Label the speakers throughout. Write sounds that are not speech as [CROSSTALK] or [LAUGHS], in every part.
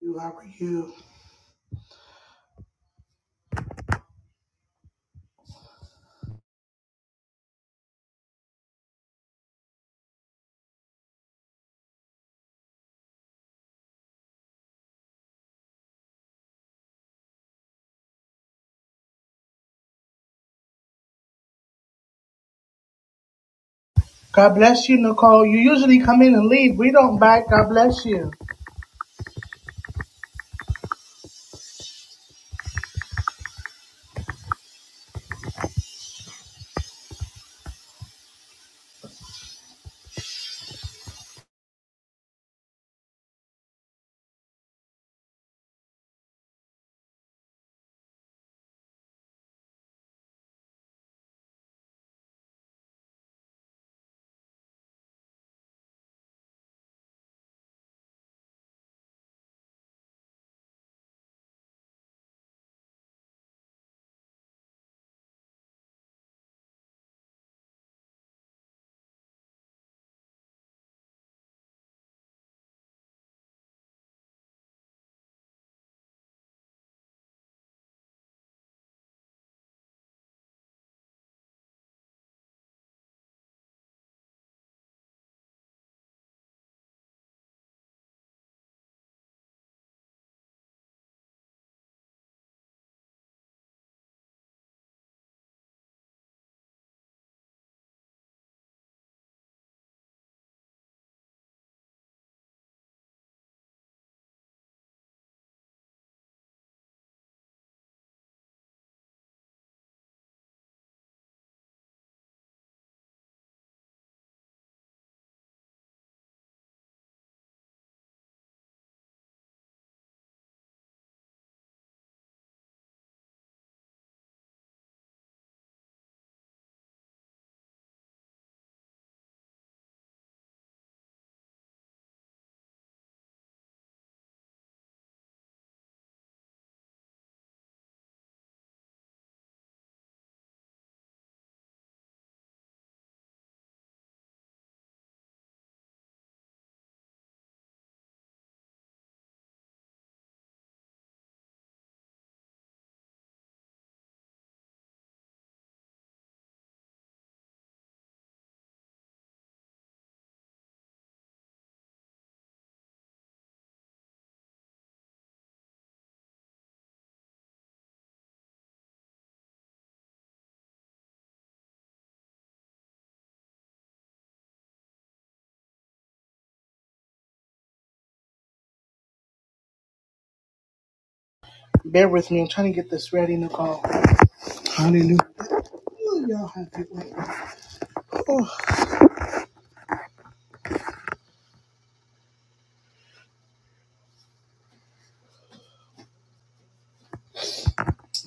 Speaker 1: You, how are you? God bless you, Nicole. You usually come in and leave. We don't back. God bless you. Bear with me. I'm trying to get this ready, Nicole. Hallelujah. Ooh, y'all have it with me.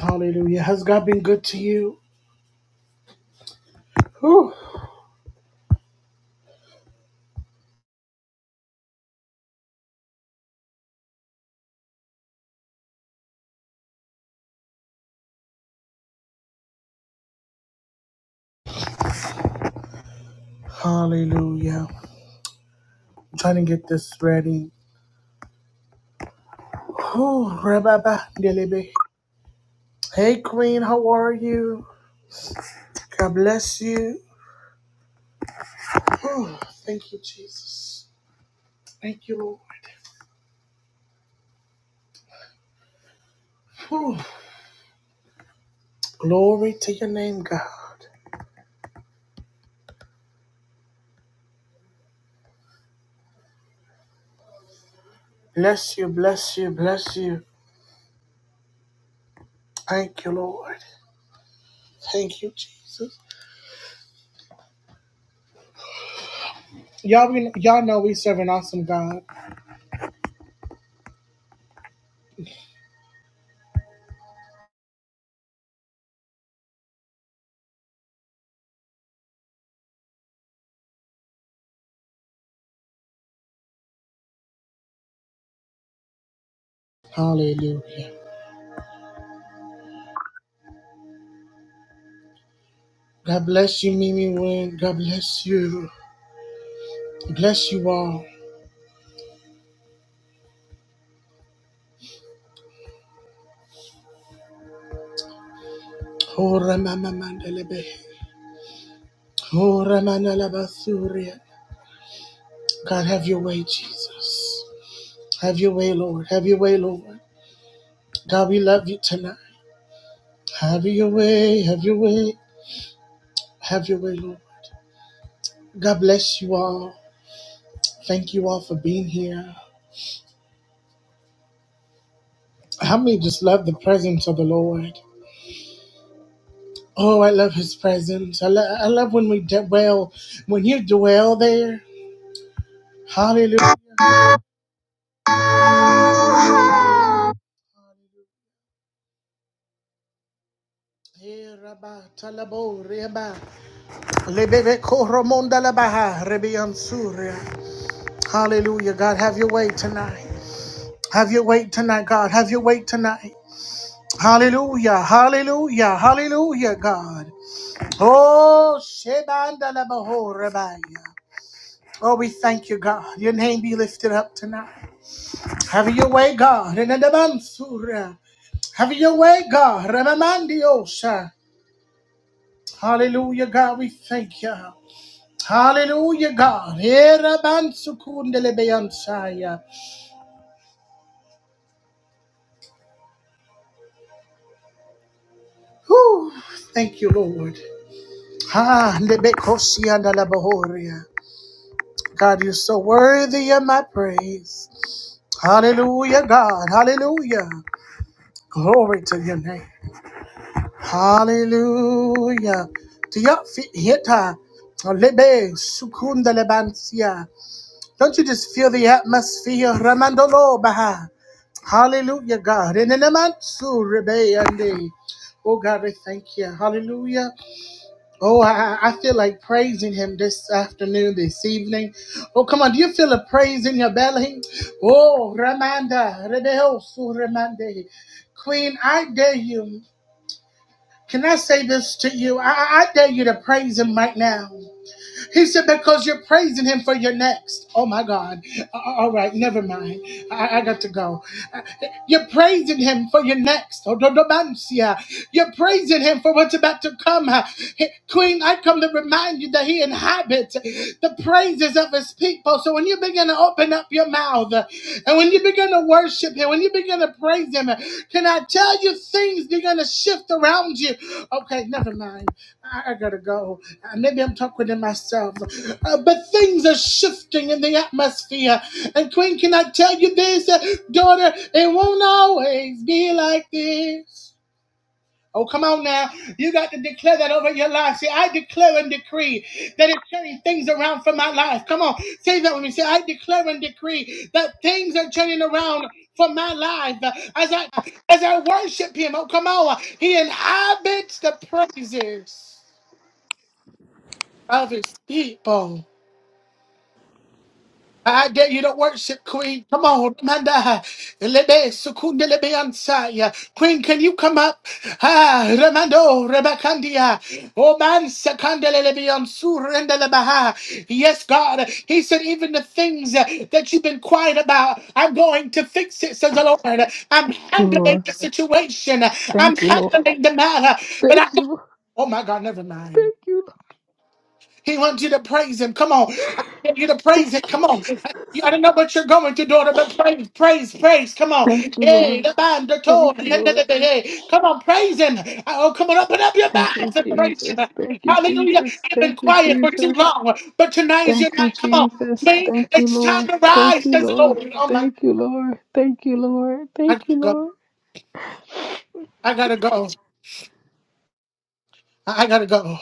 Speaker 1: Hallelujah. Has God been good to you? Whew. Hallelujah. I'm trying to get this ready. Whew. Rababa delebe. Hey, Queen. How are you? God bless you. Whew. Thank you, Jesus. Thank you, Lord. Whew. Glory to your name, God. Bless you, bless you, bless you. Thank you, Lord. Thank you, Jesus. Y'all, we, y'all know we serve an awesome God. Hallelujah. God bless you, Mimi Wynn. God bless you. Bless you all. Oh, Ramamamandelebe. Oh, Ramanalabasuria. God, have your way, Jesus. Have your way, Lord. Have your way, Lord. God, we love you tonight. Have your way. Have your way. Have your way, Lord. God bless you all. Thank you all for being here. How many just love the presence of the Lord? Oh, I love his presence. I, lo- I love when we dwell, when you dwell there. Hallelujah. Eh, rabba, talabo, reba, lebebe, koromonda, labaha, rebian, surya. Hallelujah. God, have your way tonight. Have your way tonight, God. Have your way tonight. Hallelujah. Hallelujah. Hallelujah, God. Oh, shebanda, labaho, rebaya. Oh, we thank you, God. Your name be lifted up tonight. Have your way, God. In the Mansura. Have your way, God. Ramamandiosa. Hallelujah, God. We thank you. Hallelujah, God. Erabansukundelebeyamsaya. Whew. Thank you, Lord. Ah, ndebekosiandalabahoria. God, you're so worthy of my praise. Hallelujah, God. Hallelujah. Glory to your name. Hallelujah. Tia fi- hita. Lebe sukunda lebansia. Don't you just feel the atmosphere? Ramandolo baha. Hallelujah, God. In the namansu rebe ande. Oh God, we thank you. Hallelujah. Oh, I, I I feel like praising him this afternoon, this evening. Oh, come on. Do you feel a praise in your belly? Oh, Ramanda. Rebeo su remande. Queen, I dare you. Can I say this to you? I, I dare you to praise him right now. He said, because you're praising him for your next. Oh my God. Uh, uh, All right, never mind. I, I got to go. Uh, You're praising him for your next. Oh, Dodobansia. You're praising him for what's about to come. Uh, Queen, I come to remind you that he inhabits the praises of his people. So when you begin to open up your mouth uh, and when you begin to worship him, when you begin to praise him, uh, can I tell you things begin to shift around you? Okay, never mind. I I gotta go. Uh, Maybe I'm talking to myself. Uh, but things are shifting in the atmosphere. And, Queen, can I tell you this, uh, daughter? It won't always be like this. Oh, come on now. You got to declare that over your life. See, I declare and decree that it's turning things around for my life. Come on. Say that with me. Say, I declare and decree that things are turning around for my life Uh, as I as I worship him. Oh, come on. He inhabits the praises of his people. I dare you to worship, Queen. Come on, Amanda. Lebe, Sukunda, Lebe, Ansaya. Queen, can you come up? Ah, Remando, Rebacandia. Oh, man, Sakandele, Lebe, Ansu, Renda, Lebaha. Yes, God. He said, even the things uh, that you've been quiet about, I'm going to fix it, says the Lord. I'm
Speaker 2: you,
Speaker 1: handling
Speaker 2: Lord.
Speaker 1: the situation. I'm
Speaker 2: Thank you, Lord.
Speaker 1: handling the matter. But
Speaker 2: Thank
Speaker 1: I,
Speaker 2: you, Lord.
Speaker 1: oh my God, never mind.
Speaker 2: Thank you, Lord.
Speaker 1: He wants you to praise him. Come on. I need you to praise him.
Speaker 2: Thank you,
Speaker 1: Come on.
Speaker 2: Jesus.
Speaker 1: I don't know what you're going to, daughter, but praise, praise, praise. Come on.
Speaker 2: Thank you, Lord.
Speaker 1: Hey, the band, the tone.
Speaker 2: Thank you, Lord.
Speaker 1: Hey, come on, praise him. Oh, come on, open up your
Speaker 2: Thank you,
Speaker 1: mouth and praise him.
Speaker 2: Jesus. Thank you,
Speaker 1: Hallelujah.
Speaker 2: Jesus.
Speaker 1: You've been
Speaker 2: Thank you,
Speaker 1: quiet for too
Speaker 2: Jesus.
Speaker 1: long, but tonight is
Speaker 2: Thank
Speaker 1: your
Speaker 2: you,
Speaker 1: night. Come on.
Speaker 2: Jesus.
Speaker 1: Me,
Speaker 2: Thank you,
Speaker 1: it's time
Speaker 2: Lord.
Speaker 1: to
Speaker 2: Thank
Speaker 1: rise,
Speaker 2: you,
Speaker 1: says the
Speaker 2: Lord.
Speaker 1: Lord. Oh, my
Speaker 2: Thank you, Lord. Thank you, Lord.
Speaker 1: I
Speaker 2: Thank
Speaker 1: gotta
Speaker 2: you,
Speaker 1: go.
Speaker 2: Lord.
Speaker 1: I gotta go. I gotta go.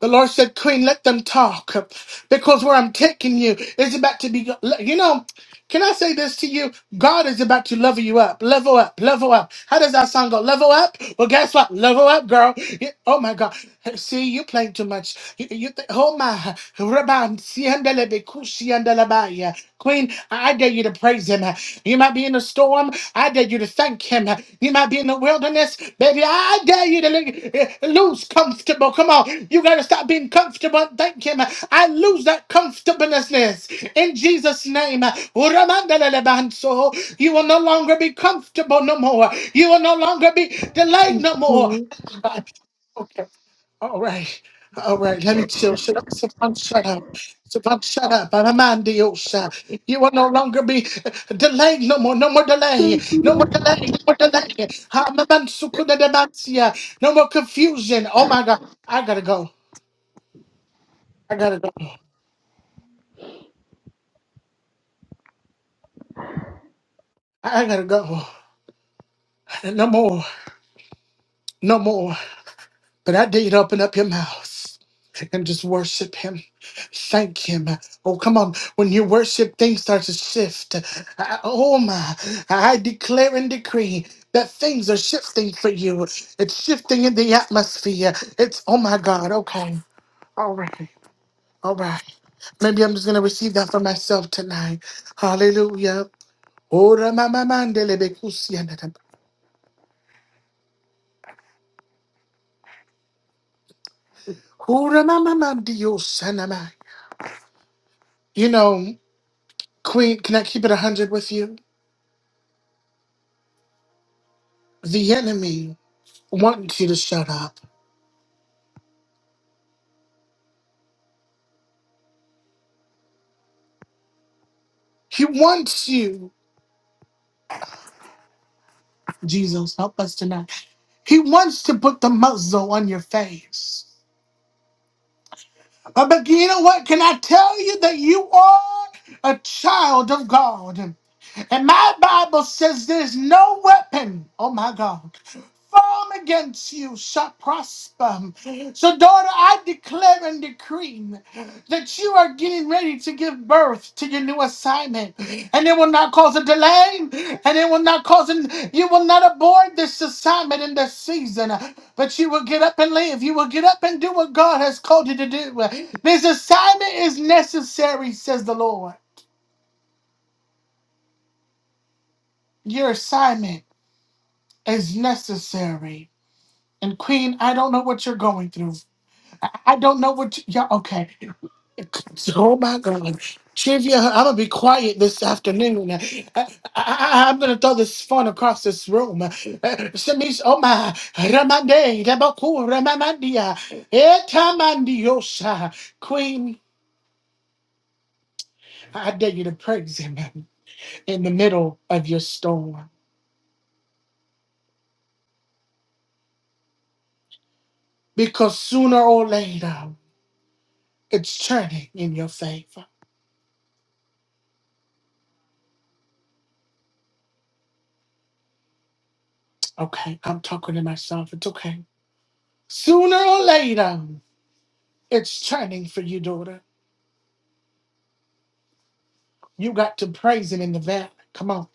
Speaker 1: The Lord said, Queen, let them talk because where I'm taking you is about to be, you know, can I say this to you? God is about to level you up, level up, level up. How does that song go? Level up? Well, guess what? Level up, girl. Yeah, Oh my God. See, you playing too much. You, you think, oh my. Rabban, siandalebe, kusiandalabaya. Queen, I I dare you to praise him. You might be in the storm. I dare you to thank him. You might be in the wilderness. Baby, I dare you to lo- lose comfortable. Come on. You got to stop being comfortable and thank him. I lose that comfortableness in Jesus' name. Uramandalabanso. You will no longer be comfortable no more. You will no longer be delayed no more.
Speaker 2: Lord.
Speaker 1: All right. All right, let me chill. Shut up, Savant, shut up. Savant, shut up. Anamandiosha. You will no longer be uh, delayed no more. No more delay.
Speaker 2: Thank you,
Speaker 1: No
Speaker 2: Lord.
Speaker 1: more delay. No more delay. Hamamansukudademansia. No more confusion. Oh my God. I gotta go. I gotta go. I gotta go. No more. No more. But I did open up your mouth and just worship him. Thank him. Oh, come on. When you worship, things start to shift. I- oh, my. I declare and decree that things are shifting for you. It's shifting in the atmosphere. It's, oh, my God. Okay. All right. All right. Maybe I'm just going to receive that for myself tonight. Hallelujah. Ora mama mandele bekusianadam. Ora mama mandio sanamai. You know, Queen, can I keep it 100 with you? The enemy wants you to shut up. He wants you, Jesus, help us tonight. He wants to put the muzzle on your face. But, but you know what? Can I tell you that you are a child of God? And my Bible says there's no weapon, oh my God, form against you shall prosper. So, daughter, I declare and decree that you are getting ready to give birth to your new assignment. And it will not cause a delay, and it will not cause, an, you will not abort this assignment in this season, but you will get up and leave. You will get up and do what God has called you to do. This assignment is necessary, says the Lord. Your assignment. is necessary. And Queen, I don't know what you're going through. I don't know what you, yeah. Okay. [LAUGHS] Oh my God, Trivia. I'm gonna be quiet this afternoon. I, am gonna throw this phone across this room. [LAUGHS] Shamish, oh my, Ramande, Rabaku, Ramamandia, Etamandiosa. Queen, I dare you to praise Him in the middle of your storm, because sooner or later it's turning in your favor. Okay, I'm talking to myself. It's okay. Sooner or later, it's turning for you, daughter. You got to praise him in the valley. Come on.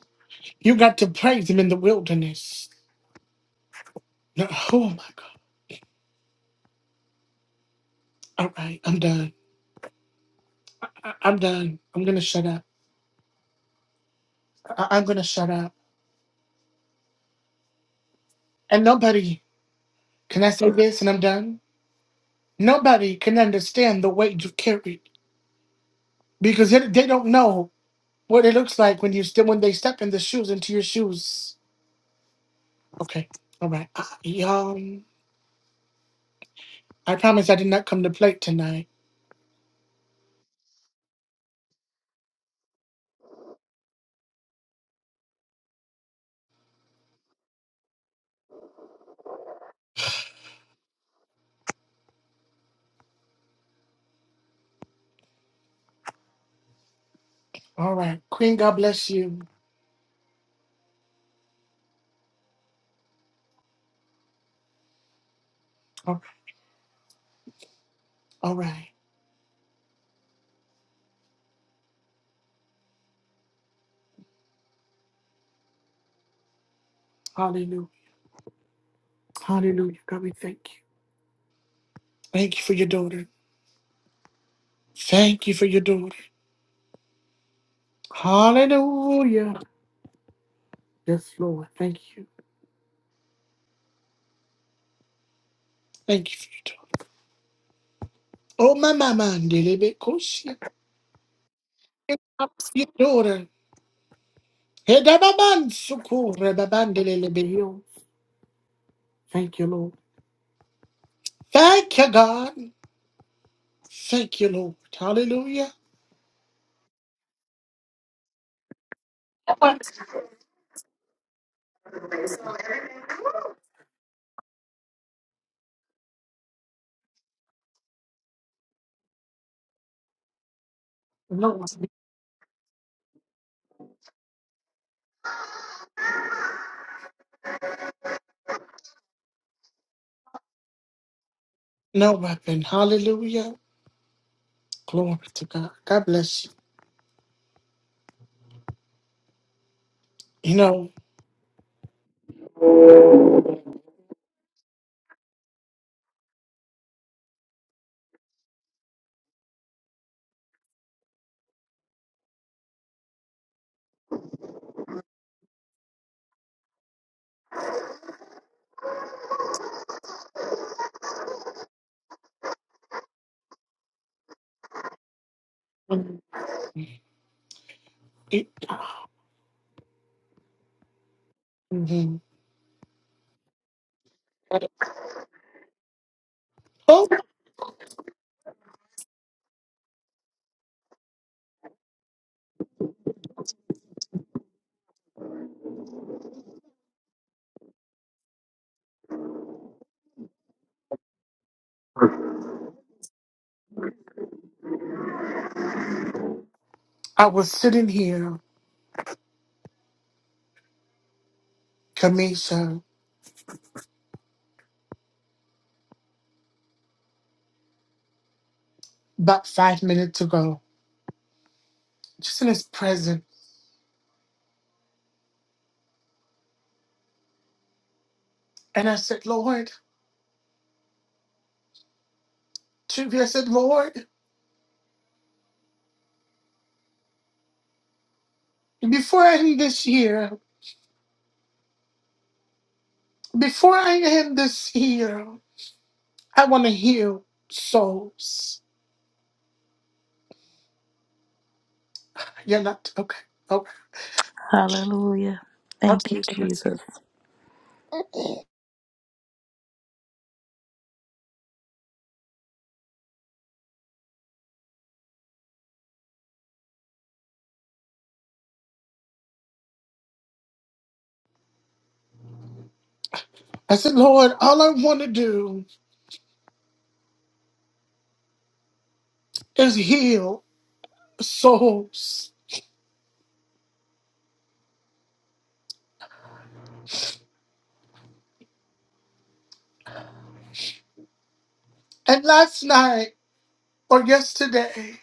Speaker 1: You got to praise him in the wilderness. No- Oh my God. All right, I'm done. I- I'm done. I'm going to shut up. I- I'm going to shut up. And nobody, can I say this and I'm done? Nobody can understand the weight you carried because it, they don't know what it looks like when you still when they step in the shoes into your shoes. Okay, all right, I, y'all. I promise I did not come to play tonight. All right. Queen, God bless you. All all right. Hallelujah. Hallelujah. God, we thank you. Thank you for your daughter. Thank you for your daughter. Hallelujah. Yes, Lord. Thank you. Thank you for your daughter. Oh, my mama, delebe koshi. Your daughter. Hedababan sukure babandelelebe yo. Thank you, Lord. Thank you, God. Thank you, Lord. Hallelujah. No weapon. No weapon. Hallelujah. Glory to God. God bless you. You know, it, mhm. oh, I was sitting here, Kamisha, about five minutes ago, just in his presence. And I said, Lord, to- I said, Lord, before I end this year, before I end this year, I want to heal souls. You're not, okay. Okay.
Speaker 3: Hallelujah.
Speaker 1: I'll
Speaker 3: Thank
Speaker 1: take
Speaker 3: you,
Speaker 1: care. of you.
Speaker 3: Jesus.
Speaker 1: I said, Lord, all I want to do is heal souls. And last night or yesterday.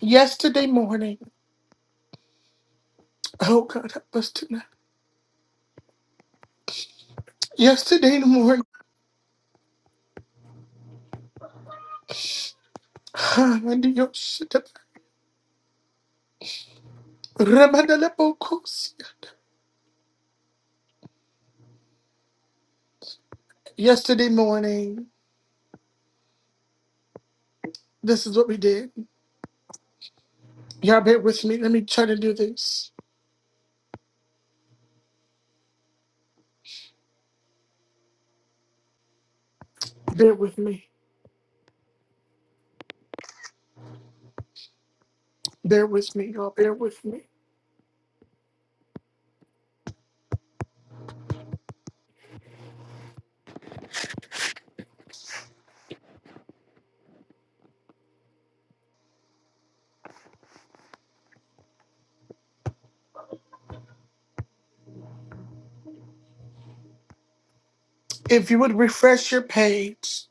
Speaker 1: Yesterday morning, oh God, help us tonight. Yesterday morning, [SIGHS] ah, Wendy, your shit up. Ramadalabokos. yesterday morning, this is what we did. Y'all bear with me. Let me try to do this. Bear with me. Bear with me, y'all. Bear with me. If you would refresh your page,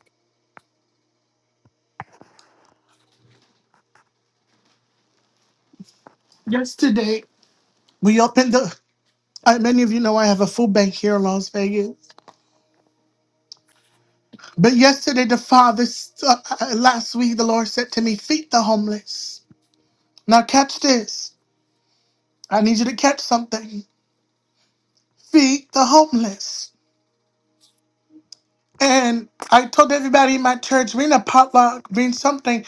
Speaker 1: yesterday we opened the. I, many of you know I have a food bank here in Las Vegas. But yesterday, the Father, s- uh, uh, last week, the Lord said to me, Feed the homeless. Now, catch this. I need you to catch something. Feed the homeless. And I told everybody in my church, we in a potluck, we in something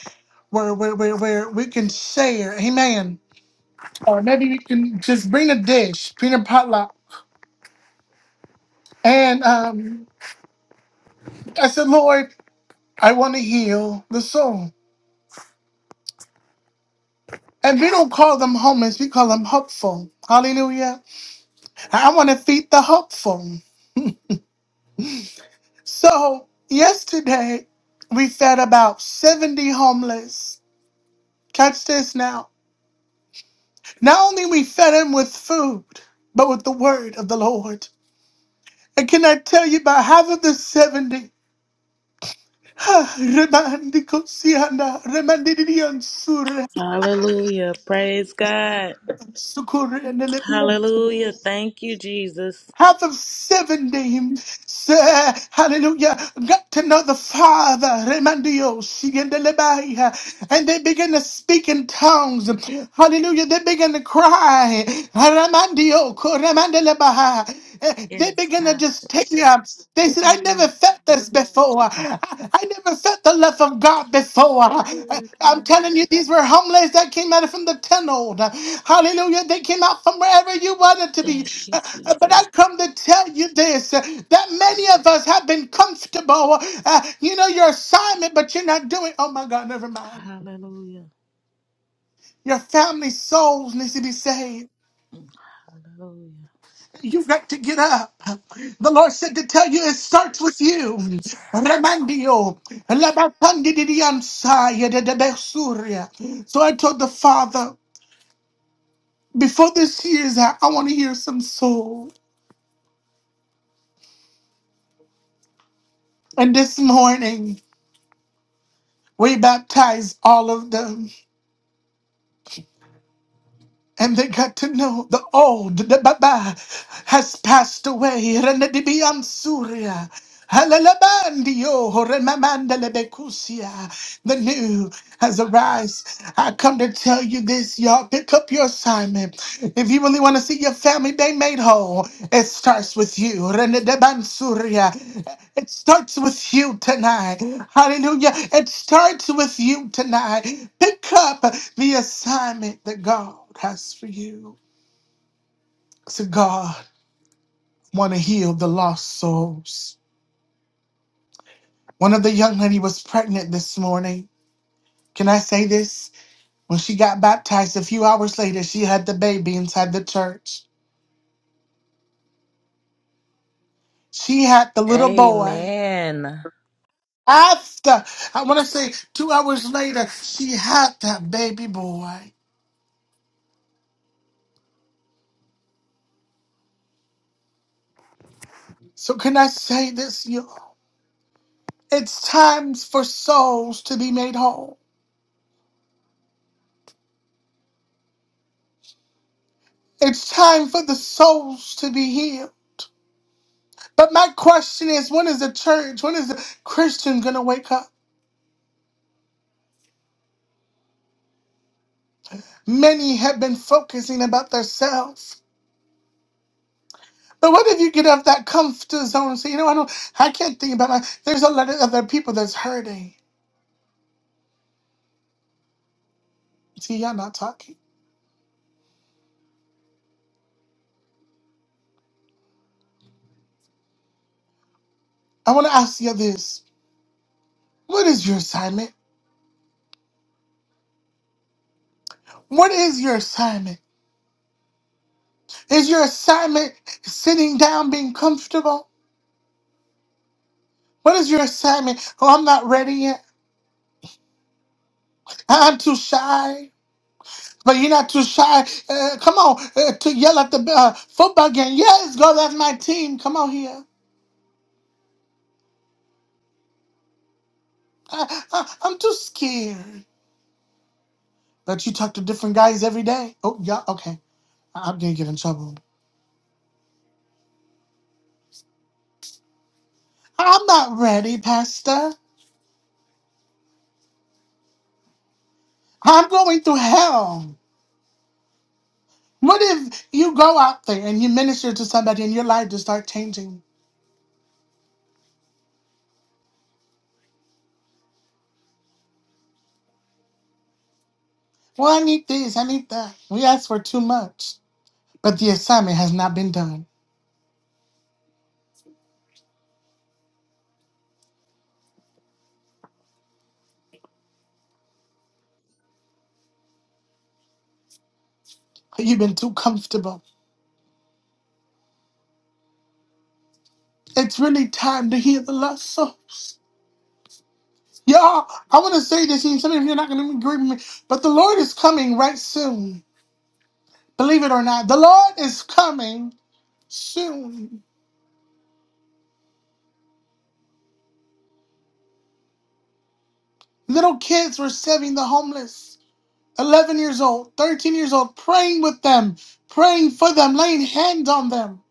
Speaker 1: where, where, where, where we can share. Amen. Or maybe we can just bring a dish, bring a potluck. And um, I said, Lord, I want to heal the soul. And we don't call them homeless, we call them hopeful. Hallelujah. I want to feed the hopeful. So yesterday, we fed about 70 homeless. Catch this now. Not only we fed him with food, but with the word of the Lord. And can I tell you about half of the 70? Ah, remandi kosianda, remandi didion sura,
Speaker 3: Hallelujah. Praise God.
Speaker 1: sukure and
Speaker 3: Hallelujah.
Speaker 1: [SIGHS]
Speaker 3: Thank you, Jesus.
Speaker 1: Out of 70, say, hallelujah, got to know the Father, Remandio, Shigendelebaya, and they began to speak in tongues. Hallelujah, they began to cry, Ramandio, Koremandelebaya. Eh, They
Speaker 3: Yes,
Speaker 1: began to
Speaker 3: God.
Speaker 1: just take me up. They said, I never
Speaker 3: Hallelujah. Jesus.
Speaker 1: felt this before. I never felt the love of God before. I-
Speaker 3: Hallelujah,
Speaker 1: am
Speaker 3: God.
Speaker 1: telling you, these were homeless that came out from the tunnel. Uh, Hallelujah. They came out from wherever you wanted to be.
Speaker 3: Thank you,
Speaker 1: Uh, uh, But I
Speaker 3: Jesus.
Speaker 1: come to tell you this uh, that many of us have been comfortable. Uh, you know your assignment, but you're not doing. Oh my God, never mind.
Speaker 3: Hallelujah.
Speaker 1: Your family souls needs to be saved.
Speaker 3: Hallelujah.
Speaker 1: You've got to get up. The Lord said to tell you it starts with you. Remandio. Labapandididiansaya dedebesuria. So I told the Father, before this year is out, I want to hear some soul. And this morning, we baptized all of them. and they got to know the old the baba has passed away Renedibian Surya. Halalabandio, horemamandelebekusia. The new has arise. I come to tell you this, y'all. Pick up your assignment. If you really want to see your family day made whole, it starts with you. Renedebansuria. It starts with you tonight. Hallelujah. It starts with you tonight. Pick up the assignment that God has for you. So God want to heal the lost souls. One of the young lady was pregnant this morning. Can I say this? When she got baptized a few hours later, she had the baby inside the church. She had the little boy.
Speaker 3: Amen.
Speaker 1: After, I want to say two hours later, she had that baby boy. So can I say this, y'all? It's time for souls to be made whole. It's time for the souls to be healed. But my question is, when is the church, when is the Christian going to wake up? Many have been focusing about themselves. But what if you get off that comfort zone and say, you know, I don't, I can't think about my, there's a lot of other people that's hurting. See, y'all not talking. I want to ask you this. What is your assignment? What is your assignment? Is your assignment sitting down being comfortable? What is your assignment? Oh, I'm not ready yet. I'm too shy. But you're not too shy. Uh, come on, uh, to yell at the uh, football game. Yes, go. That's my team. Come on here. I, I, I'm too scared. But you talk to different guys every day. Oh, yeah. Okay. I- I'm gonna get in trouble. I'm not ready, Pastor. I'm going through hell. What if you go out there and you minister to somebody and your life just start changing? Well, I need this. I need that. We ask for too much, but the assignment has not been done. You've been too comfortable. It's really time to heal the lost souls. Y'all, I want to say this, and some of you are not going to agree with me, but the Lord is coming right soon. Believe it or not, the Lord is coming soon. Little kids were saving the homeless, 11 years old, 13 years old, praying with them, praying for them, laying hands on them.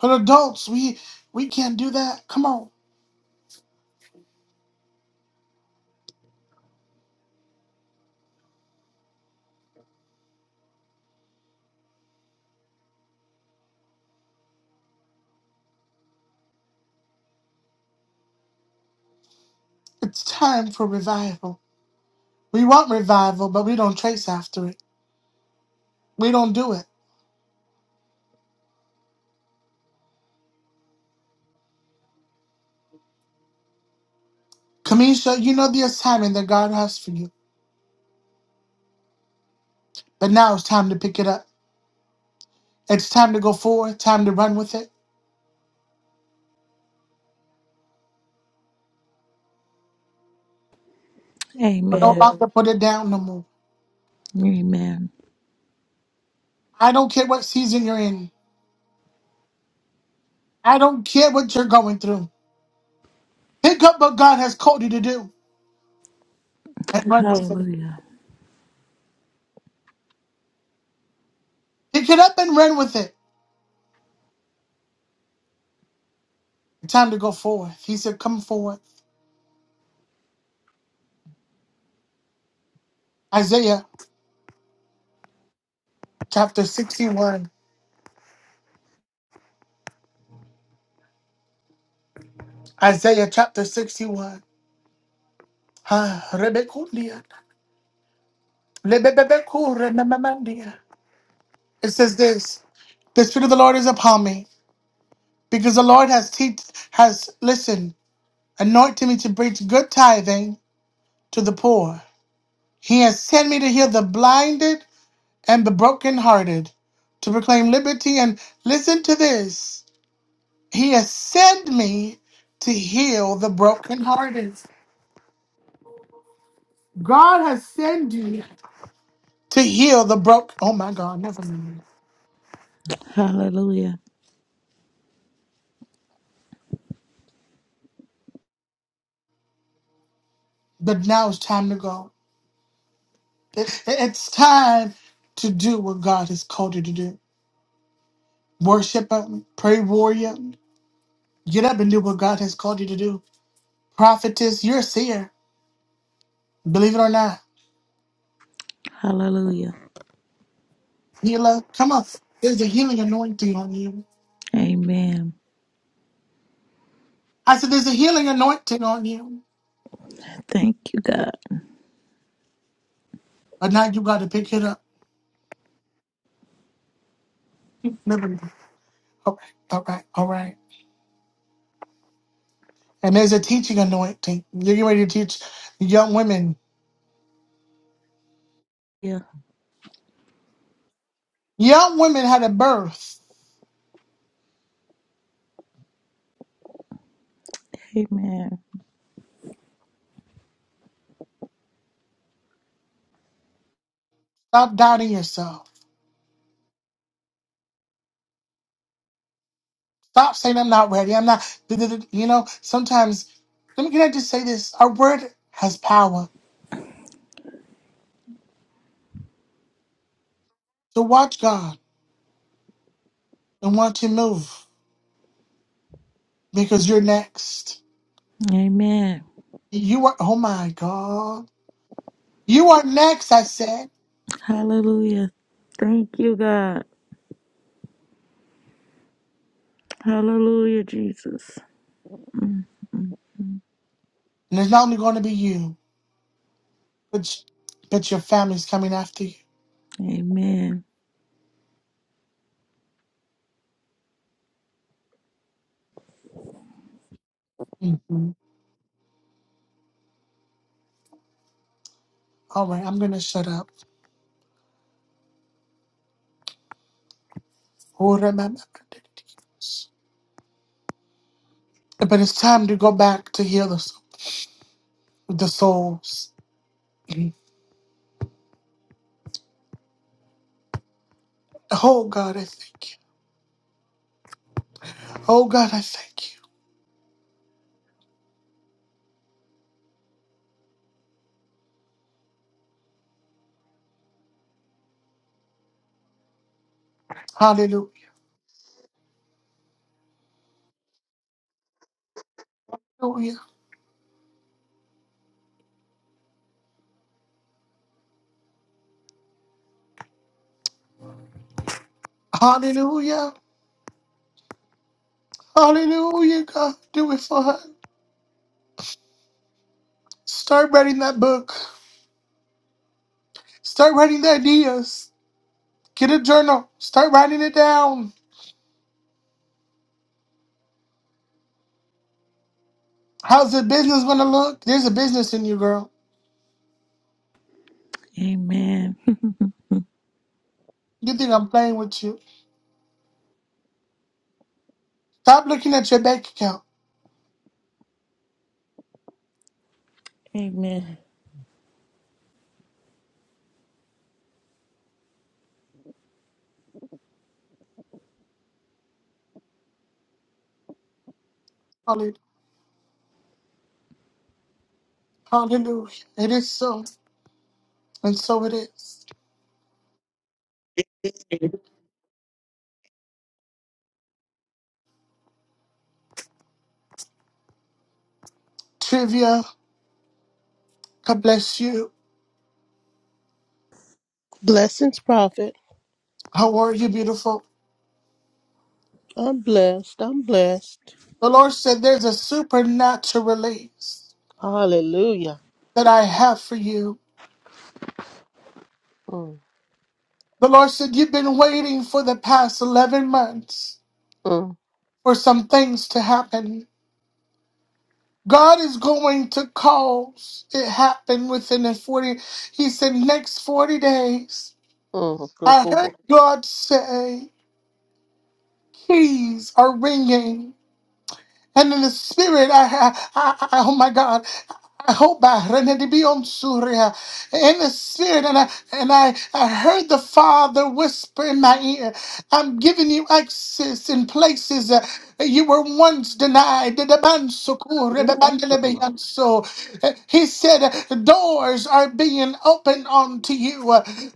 Speaker 1: But adults, we we can't do that. Come on, it's time for revival. We want revival, but we don't trace after it. We don't do it. Kamisha, you know the assignment that God has for you, but now it's time to pick it up. It's time to go forward, time to run with it. We're not
Speaker 3: Amen.
Speaker 1: about to put it down no more.
Speaker 3: Amen.
Speaker 1: I don't care what season you're in, I don't care what you're going through. Pick up what God has called you to do and run with it.
Speaker 3: Hallelujah.
Speaker 1: Pick it up and run with it. It's time to go forward. He said, Come forward. Isaiah chapter 61. Isaiah chapter 61. Ah, Rebekundia. Lebebebeku rememamandia. It says this The Spirit of the Lord is upon me because the Lord has teach has listened, anointed me to preach good tithing to the poor. He has sent me to heal the blinded and the brokenhearted, to proclaim liberty and listen to this. He has sent me to heal the brokenhearted. God has sent you to heal the broken. Oh my God, never mind.
Speaker 3: Hallelujah.
Speaker 1: But now it's time to go. It- It's time to do what God has called you to do. Worship Him, pray warrior, Get up and do what God has called you to do. Prophetess, you're a seer. Believe it or not.
Speaker 3: Hallelujah.
Speaker 1: Healer, come on. There's a healing anointing on you.
Speaker 3: Amen.
Speaker 1: I said, there's a healing anointing on you.
Speaker 3: Thank you, God.
Speaker 1: But now you got to pick it up. Never mind. All right, all right, all right. And there's a teaching anointing. You're getting ready to teach young women.
Speaker 3: Yeah.
Speaker 1: Young women had a birth.
Speaker 3: Amen.
Speaker 1: Stop doubting yourself. Stop saying, I'm not ready. I'm not. You know, sometimes, let me, can I just say this? Our word has power. So watch God and watch Him move. because you're next.
Speaker 3: Amen.
Speaker 1: You are, oh my God. You are next, I said.
Speaker 3: Hallelujah. Thank you, God. Hallelujah, Jesus.
Speaker 1: And it's not only going to be you, but, but your family's coming after you.
Speaker 3: Amen.
Speaker 1: Mhm. All right, I'm going to shut up. But it's time to go back to heal the, s- the souls. Mhm. Oh God, I thank you. Oh God, I thank you. Hallelujah. Hallelujah. Hallelujah. Hallelujah, God. Do it for her. Start writing that book. Start writing the ideas. Get a journal. Start writing it down. How's the business gonna look? There's a business in you, girl.
Speaker 3: Amen.
Speaker 1: You think I'm playing with you? Stop looking at your bank account.
Speaker 3: [LAUGHS] Amen.
Speaker 1: Hallelujah. Hallelujah. It is so, and so it is. Trivia, God bless you.
Speaker 4: Blessings, Prophet.
Speaker 1: How are you, beautiful?
Speaker 4: I'm blessed. I'm blessed.
Speaker 1: The Lord said, There's a supernatural release
Speaker 4: Hallelujah.
Speaker 1: that I have for you.
Speaker 4: Mm,
Speaker 1: The Lord said, You've been waiting for the past 11 months
Speaker 4: mm,
Speaker 1: for some things to happen. God is going to cause it happen within the 40. He said, next 40 days.
Speaker 4: mm.
Speaker 1: I heard
Speaker 4: Rokobo,
Speaker 1: God say, keys are ringing. And in the spirit, I, I, I I- oh my God, I hope I ready to be on Surya in the spirit, and I and I, I heard the Father whisper in my ear, "I'm giving you access in places that you were once denied." The Bansukur, the
Speaker 4: Rama.
Speaker 1: Bandelebeyanso. He said, "Doors are being opened unto you,"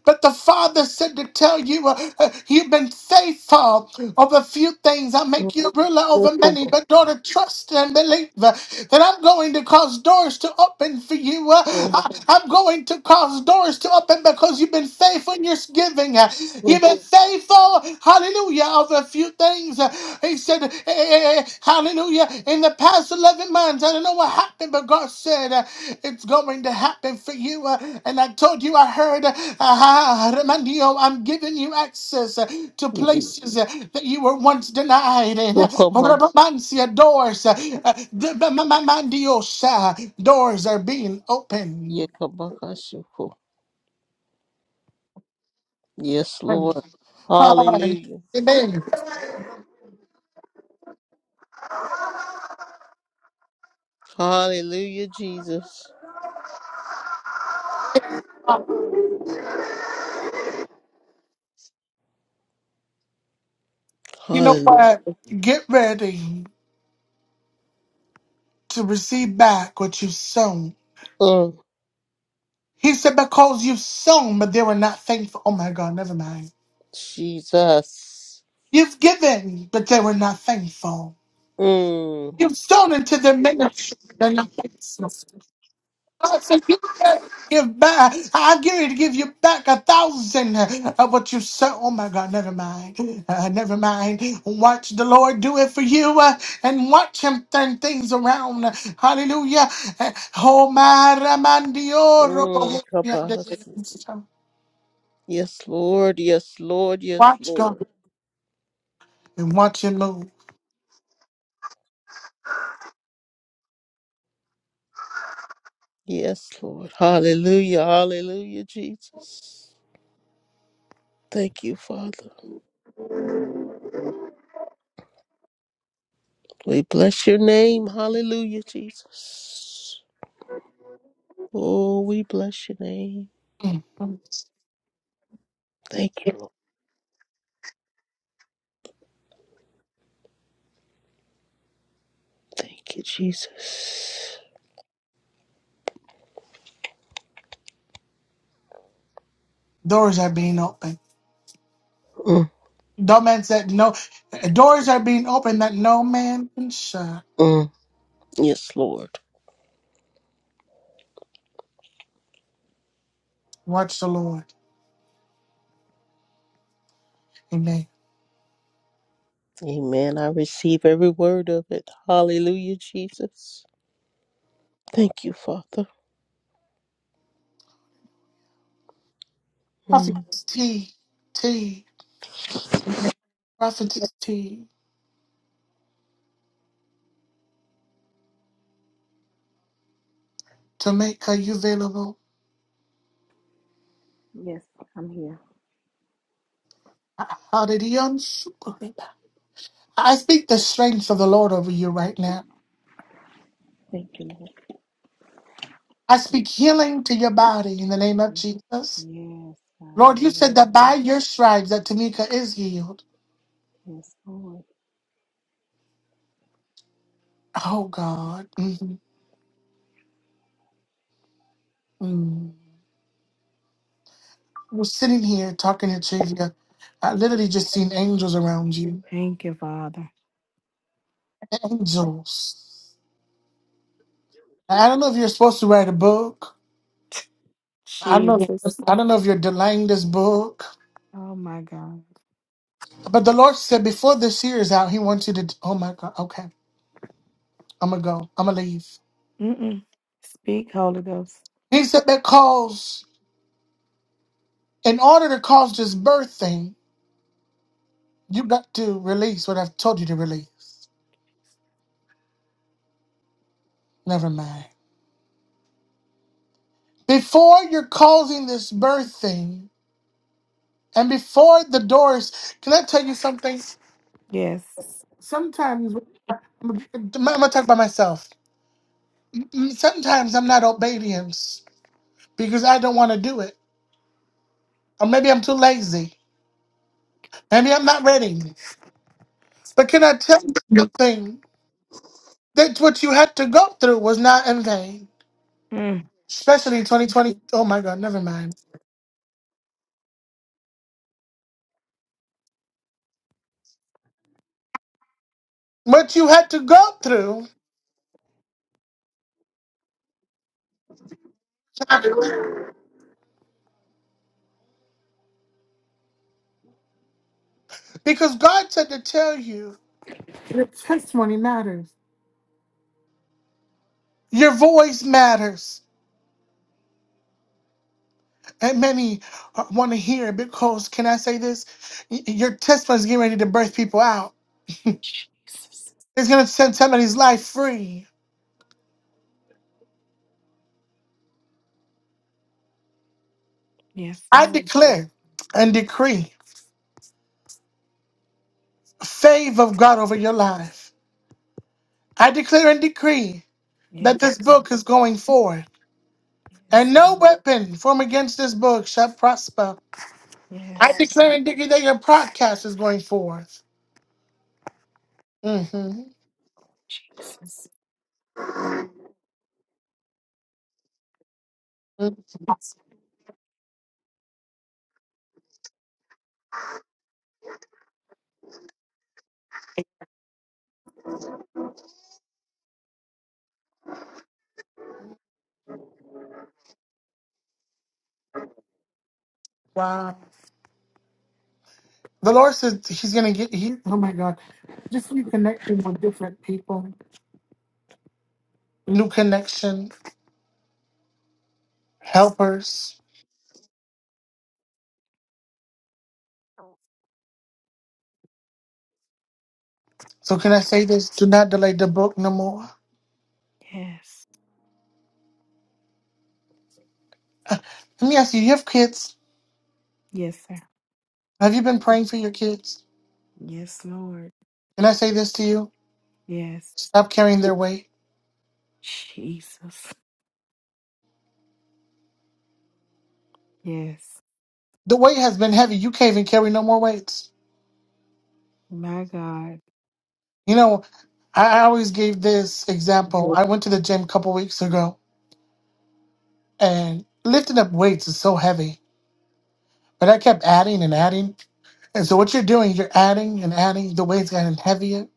Speaker 1: but the Father said said to tell you, uh, uh, you've been faithful over few things. I make you ruler over many,
Speaker 4: Rokobo,
Speaker 1: but daughter, trust and believe uh, that I'm going to cause doors to open for you. Uh,
Speaker 4: mm,
Speaker 1: I, I'm going to cause doors to open because you've been faithful in your giving. Uh,
Speaker 4: mm,
Speaker 1: You've been faithful, hallelujah, over a few things. Uh, He said, eh, eh, eh, Hallelujah. In the past 11 months, I don't know what happened, but God said uh, it's going to happen for you. uh, and I told you, I heard, uh, ah, Remandio, I'm giving you access uh, to
Speaker 4: mm.
Speaker 1: places uh, that you were once denied. And uh,
Speaker 4: Rokoma,
Speaker 1: Rabamansia, doors, uh, uh, the- the- Ma- Ma- Mandiosa, doors are being opened.
Speaker 4: Yekabakashiko. Yes,
Speaker 1: Amen.
Speaker 4: Lord. Hallelujah. Hallelujah, Jesus.
Speaker 1: You know
Speaker 4: Hallelujah.
Speaker 1: what? Get ready to receive back what you've sown.
Speaker 4: Mm,
Speaker 1: He said, Because you've sown, but they were not thankful. Oh my God, never mind.
Speaker 4: Jesus.
Speaker 1: You've given, but they were not thankful.
Speaker 4: Mm,
Speaker 1: You've sown into their ministry, but they're not thankful. God said, "You Give back. I give you to give you back a thousand of what you sown. Oh my God, never mind. Uh, never mind. Watch the Lord do it for you uh, and watch Him turn things around. Hallelujah. Uh, Oh my Ramandio,
Speaker 4: mm, Kabasi. Yes, Lord. Yes, Lord. Yes,
Speaker 1: Watch God
Speaker 4: Lord.
Speaker 1: and watch Him move.
Speaker 4: Yes, Lord. Hallelujah. Hallelujah, Jesus. Thank you, Father. We bless your name. Hallelujah, Jesus. Oh, we bless your name. Thank you, Lord. Thank you, Jesus.
Speaker 1: Doors are being opened.
Speaker 4: Mm,
Speaker 1: No man said no. Doors are being opened that no man can shut.
Speaker 4: mm. Yes, Lord.
Speaker 1: Watch the Lord. Amen.
Speaker 4: Amen. I receive every word of it. Hallelujah, Jesus. Thank you, Father. Mm.
Speaker 1: Prophetess T. T. I'm gonna- Prophetess T. To make her you available.
Speaker 5: Yes, I'm here.
Speaker 1: How did he unsupported? I speak the strength of the Lord over you right now.
Speaker 5: Thank you, Lord.
Speaker 1: I speak healing to your body in the name of Jesus.
Speaker 5: Yes, God,
Speaker 1: Lord, you
Speaker 5: in the
Speaker 1: said
Speaker 5: name of
Speaker 1: that by
Speaker 5: Jesus.
Speaker 1: your stripes that Tanika is healed.
Speaker 5: Yes, Lord.
Speaker 1: Oh God. Mhm. Mm. was sitting here talking to Trivia. I literally just seen angels around you.
Speaker 5: Thank you, Father.
Speaker 1: Angels. I don't know if you're supposed to write a book. I don't know.
Speaker 5: Jesus.
Speaker 1: I don't know if you're delaying this book.
Speaker 5: Oh my God.
Speaker 1: But the Lord said before this year is out, He wants you to. Oh my God. Okay. I'm gonna go. I'm gonna leave.
Speaker 5: Mm-mm. Speak, Holy Ghost.
Speaker 1: He said because in order to cause this birth thing, you got to release what I've told you to release. Never mind. Before you're causing this birth thing, and before the doors, can I tell you something?
Speaker 5: Yes.
Speaker 1: Sometimes I'm gonna talk about myself. Mm, Sometimes I'm not obedient because I don't want to do it, or maybe I'm too lazy. Maybe I'm not ready. But can I tell you something? That what you had to go through was not in vain,
Speaker 5: Mm.
Speaker 1: especially 2020. Oh my God, never mind. What you had to go through, because God said to tell you, your testimony matters. Your voice matters. And many want to hear because, can I say this? Y- Your testimony is getting ready to birth people out.
Speaker 5: Jesus.
Speaker 1: It's going to set somebody's life free.
Speaker 5: Yes,
Speaker 1: I
Speaker 5: Lord.
Speaker 1: declare and decree favor of God over your life. I declare and decree that
Speaker 5: Yes.
Speaker 1: this book is going forward,
Speaker 5: Yes.
Speaker 1: and no
Speaker 5: Lord.
Speaker 1: weapon formed against this book shall prosper. I
Speaker 5: Yes.
Speaker 1: declare and decree that your podcast is going forth. hmm
Speaker 5: Jesus.
Speaker 1: Wow. The Lord says He's going to get. He, oh my God! Just you connecting with different people. new connection, helpers. So can I say this? Do not delay the book no more.
Speaker 5: Yes.
Speaker 1: Let me ask you, you have kids.
Speaker 5: Yes, sir.
Speaker 1: Have you been praying for your kids?
Speaker 5: Yes, Lord.
Speaker 1: Can I say this to you?
Speaker 5: Yes.
Speaker 1: Stop carrying their weight.
Speaker 5: Jesus. Yes.
Speaker 1: The weight has been heavy. You can't even carry no more weights.
Speaker 5: My God.
Speaker 1: You know, I I always gave this example. I went to the gym a couple weeks ago and lifting up weights is so heavy. But I kept adding and adding. And so what you're doing, you're adding and adding. The weight's getting heavier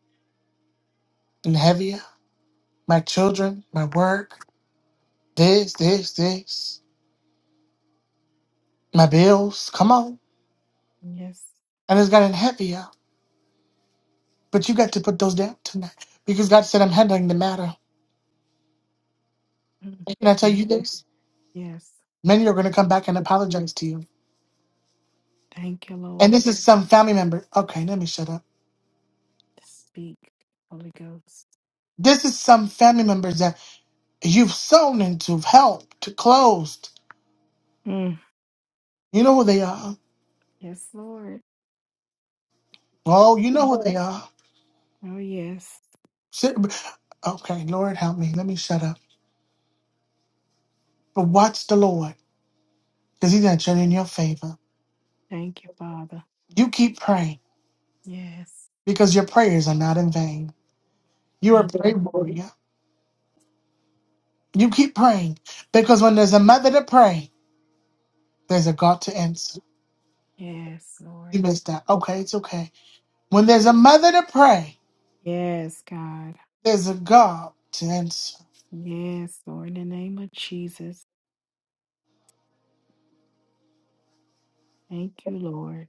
Speaker 1: and heavier. My children, my work, This, this, this. My bills. Come on.
Speaker 5: Yes.
Speaker 1: And it's gotten heavier. But you got to put those down tonight. Because God said I'm handling the matter.
Speaker 5: Mm.
Speaker 1: And can I tell
Speaker 5: Um,
Speaker 1: you this?
Speaker 5: Yes.
Speaker 1: Many are gonna come back and apologize to you.
Speaker 5: Thank you,
Speaker 1: And
Speaker 5: Lord.
Speaker 1: this is some family member. Okay, let me shut up.
Speaker 5: Speak, Holy Ghost.
Speaker 1: This is some family members that you've sown into, helped, closed.
Speaker 5: Mm.
Speaker 1: You know who they are.
Speaker 5: Yes, Lord.
Speaker 1: Oh, you know
Speaker 5: Mm.
Speaker 1: who they are.
Speaker 5: Oh, yes.
Speaker 1: Sit- Okay, Lord help me. Let me shut up. But watch the Lord, because He's gonna turn in your favor.
Speaker 5: Thank you, Father.
Speaker 1: You keep praying
Speaker 5: Yes.
Speaker 1: because your prayers are not in vain. You are
Speaker 5: Thank
Speaker 1: brave
Speaker 5: you.
Speaker 1: warrior. You keep praying because when there's a mother to pray, there's a God to answer.
Speaker 5: Yes, Lord.
Speaker 1: You missed that. Okay, it's okay. When there's a mother to pray,
Speaker 5: Yes, God.
Speaker 1: there's a God to answer.
Speaker 5: Yes, Lord. In the name of Jesus. Thank you, Lord.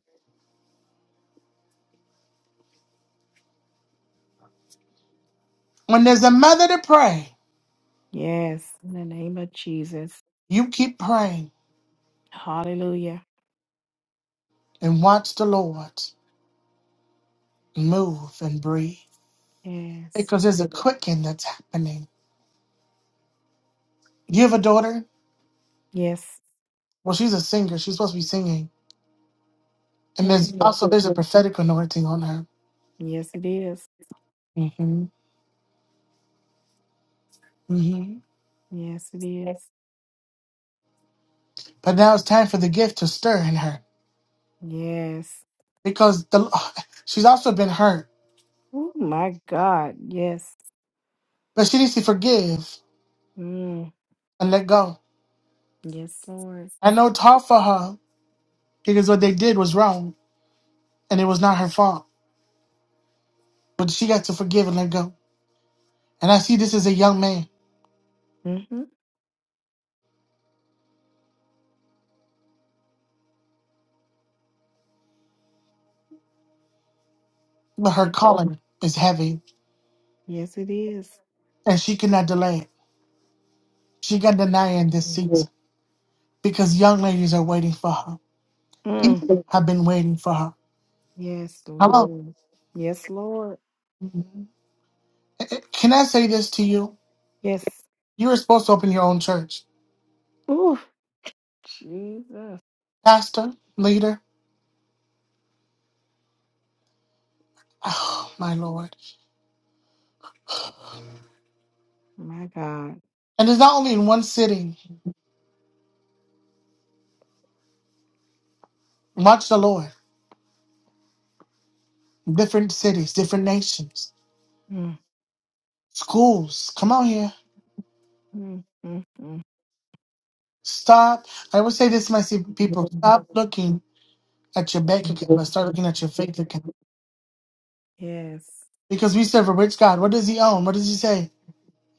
Speaker 1: When there's a mother to pray,
Speaker 5: Yes. In the name of Jesus.
Speaker 1: you keep praying
Speaker 5: Hallelujah.
Speaker 1: and watch the Lord move and breathe
Speaker 5: Yes.
Speaker 1: because there's a quickening that's happening. You have a daughter?
Speaker 5: Yes.
Speaker 1: Well, she's a singer. She's supposed to be singing. And
Speaker 5: Mm.
Speaker 1: there's also there's a prophetic anointing on her.
Speaker 5: Yes, it is.
Speaker 1: hmm hmm
Speaker 5: Yes, it is.
Speaker 1: But now it's time for the gift to stir in her.
Speaker 5: Yes.
Speaker 1: because the [SIGHS] she's also been hurt,
Speaker 5: Oh, my God. Yes.
Speaker 1: but she needs to forgive
Speaker 5: Mm.
Speaker 1: and let go.
Speaker 5: Yes, Lord.
Speaker 1: I know it's hard for her because what they did was wrong and it was not her fault, but she got to forgive and let go. And I see this as a young man,
Speaker 5: Mm-hmm.
Speaker 1: but her
Speaker 5: Yes.
Speaker 1: calling is heavy
Speaker 5: yes, it is.
Speaker 1: and she cannot delay it. She got denying this season because young ladies are waiting for her.
Speaker 5: Mm.
Speaker 1: People have been waiting for her.
Speaker 5: Yes,
Speaker 1: Hello,
Speaker 5: Lord. Yes, Lord.
Speaker 1: Eh, eh, can I say this to you?
Speaker 5: Yes.
Speaker 1: You were supposed to open your own church,
Speaker 5: Ooh, Jesus.
Speaker 1: pastor, leader. [SIGHS] Oh my lord!
Speaker 5: My God.
Speaker 1: And it's not only in one city. Watch the Lord. Different cities, different nations,
Speaker 5: Mm,
Speaker 1: schools. Come on here.
Speaker 5: mm, mm,
Speaker 1: Stop. I would say this to my se- people.
Speaker 5: mm. [LAUGHS]
Speaker 1: Stop looking at your bank account, but start looking at your faith account.
Speaker 5: Yes.
Speaker 1: Because we serve a rich God. What does he own? What does he say?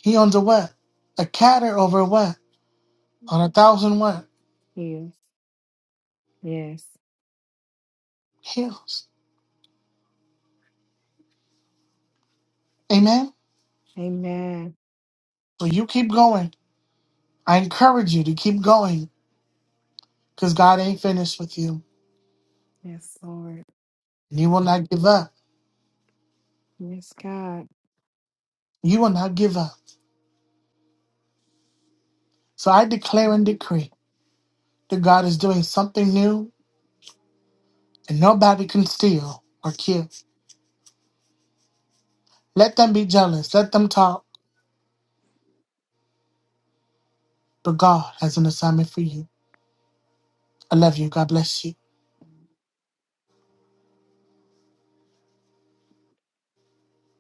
Speaker 1: He owns a what? A catter over what? On a thousand what?
Speaker 5: Yes. Yes.
Speaker 1: Hills. Amen.
Speaker 5: Amen.
Speaker 1: So you keep going. I encourage you to keep going because God ain't finished with you.
Speaker 5: Yes, Lord.
Speaker 1: And you will not give up.
Speaker 5: Yes, God.
Speaker 1: You will not give up. So I declare and decree that God is doing something new and nobody can steal or kill. Let them be jealous. Let them talk. But God has an assignment for you. I love you. God bless you.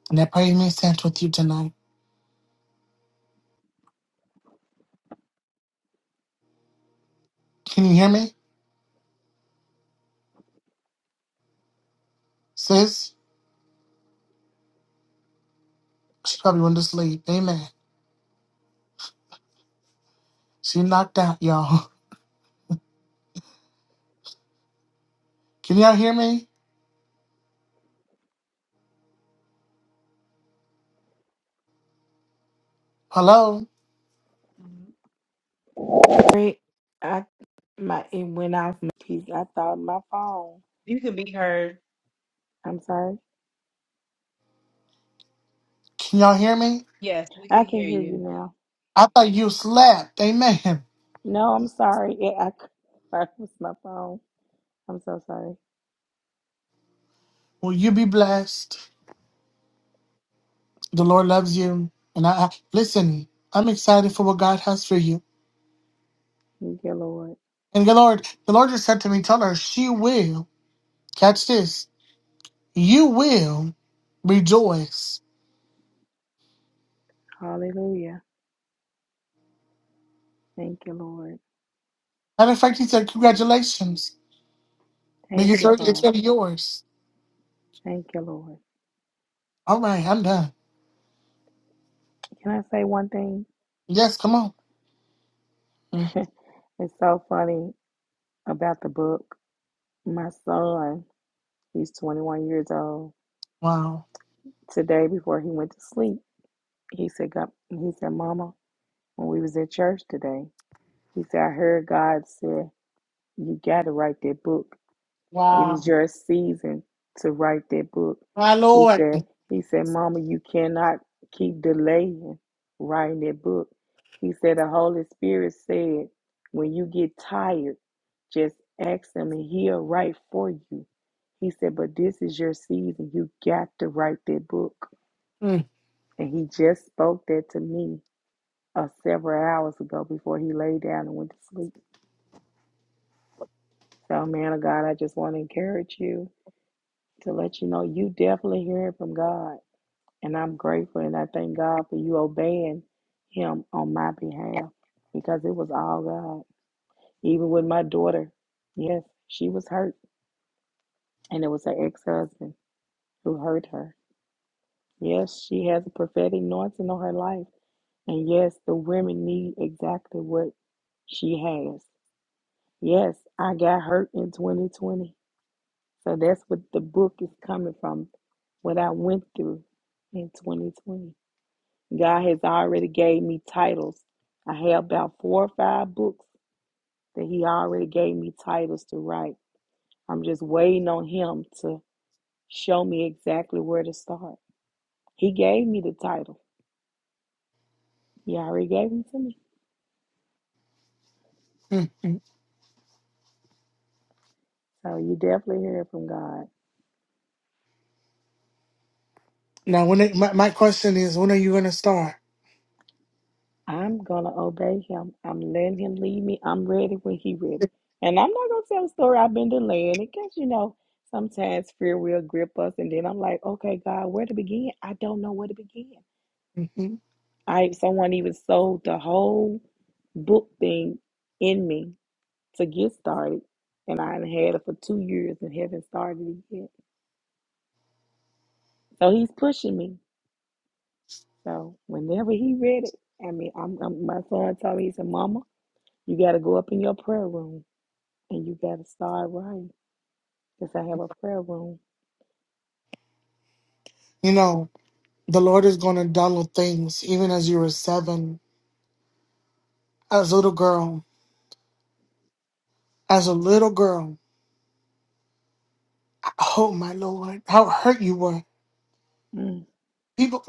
Speaker 1: And that praise me stands with you tonight. Can you hear me? Sis, she probably went to sleep. Amen. She knocked out, y'all. [LAUGHS] Can y'all hear me? Hello?
Speaker 5: Great. I my it went off my piece. I thought my phone.
Speaker 6: You can be heard.
Speaker 5: I'm sorry.
Speaker 1: Can y'all hear me?
Speaker 6: Yes, we can
Speaker 5: I can
Speaker 6: hear
Speaker 5: hear you
Speaker 6: you.
Speaker 5: now.
Speaker 1: I thought you slept. Amen.
Speaker 5: No, I'm sorry. Yeah, I, c- [LAUGHS] I was my phone. I'm so sorry.
Speaker 1: Will you be blessed? The Lord loves you. And I, I listen, I'm excited for what God has for you.
Speaker 5: Thank you, Lord.
Speaker 1: And the Lord, the Lord just said to me, tell her she will. Catch this. you will rejoice.
Speaker 5: Hallelujah. Thank you, Lord.
Speaker 1: Matter of fact, he said, Congratulations,
Speaker 5: Thank
Speaker 1: because
Speaker 5: you,
Speaker 1: you're- it's
Speaker 5: Father.
Speaker 1: really [LAUGHS] yours.
Speaker 5: Thank you, Lord.
Speaker 1: All right, I'm done.
Speaker 5: Can I say one thing?
Speaker 1: Yes, come on. Mm,
Speaker 5: [LAUGHS] it's so funny about the book. My son, he's 21 years old.
Speaker 1: Wow.
Speaker 5: Today, before he went to sleep, he said, God, he said, Mama, when we was at church today, he said, I heard God say, you got to write that book. It
Speaker 1: Wow.
Speaker 5: is your season to write that book.
Speaker 1: My
Speaker 5: He
Speaker 1: Lord.
Speaker 5: said, He said, Mama, you cannot keep delaying writing that book. He said, The Holy Spirit said, when you get tired, just ask Him and He'll write for you. He said, But this is your season. You got to write that book.
Speaker 1: Mm,
Speaker 5: And He just spoke that to me uh, several hours ago before He laid down and went to sleep. So, man of God, I just want to encourage you. to let you know you definitely hearing from God. And I'm grateful and I thank God for you obeying Him on my behalf because it was all God. Even with my daughter, yes, she was hurt. And it was her ex husband who hurt her. Yes, she has a prophetic anointing on her life. And yes, the women need exactly what she has. Yes, I got hurt in 2020. So that's what the book is coming from, what I went through in 2020. God has already gave me titles. I have about four or five books that He already gave me titles to write. I'm just waiting on Him to show me exactly where to start. He gave me the title. He already gave them to me.
Speaker 1: mm, mm.
Speaker 5: So you definitely hear it from God.
Speaker 1: Now, when it, my, my question is, when are you going to start?
Speaker 5: I'm gonna obey Him. I'm letting Him lead me. I'm ready when He ready. And I'm not gonna tell a story I've been delaying it because you know sometimes fear will grip us, and then I'm like, okay, God, where to begin? I don't know where to begin.
Speaker 1: Mhm.
Speaker 5: I someone even sold the whole book thing in me to get started, and I done had it for two years and haven't started it yet. So he's pushing me. So whenever he read it, I mean, I'm, I'm my son told me he said, "Mama, you got to go up in your prayer room and you got to start writing because I have a prayer room."
Speaker 1: You know, the Lord is going to download things even as you were seven, as a little girl, as a little girl. Oh, my Lord, how hurt you were.
Speaker 5: Mm.
Speaker 1: People,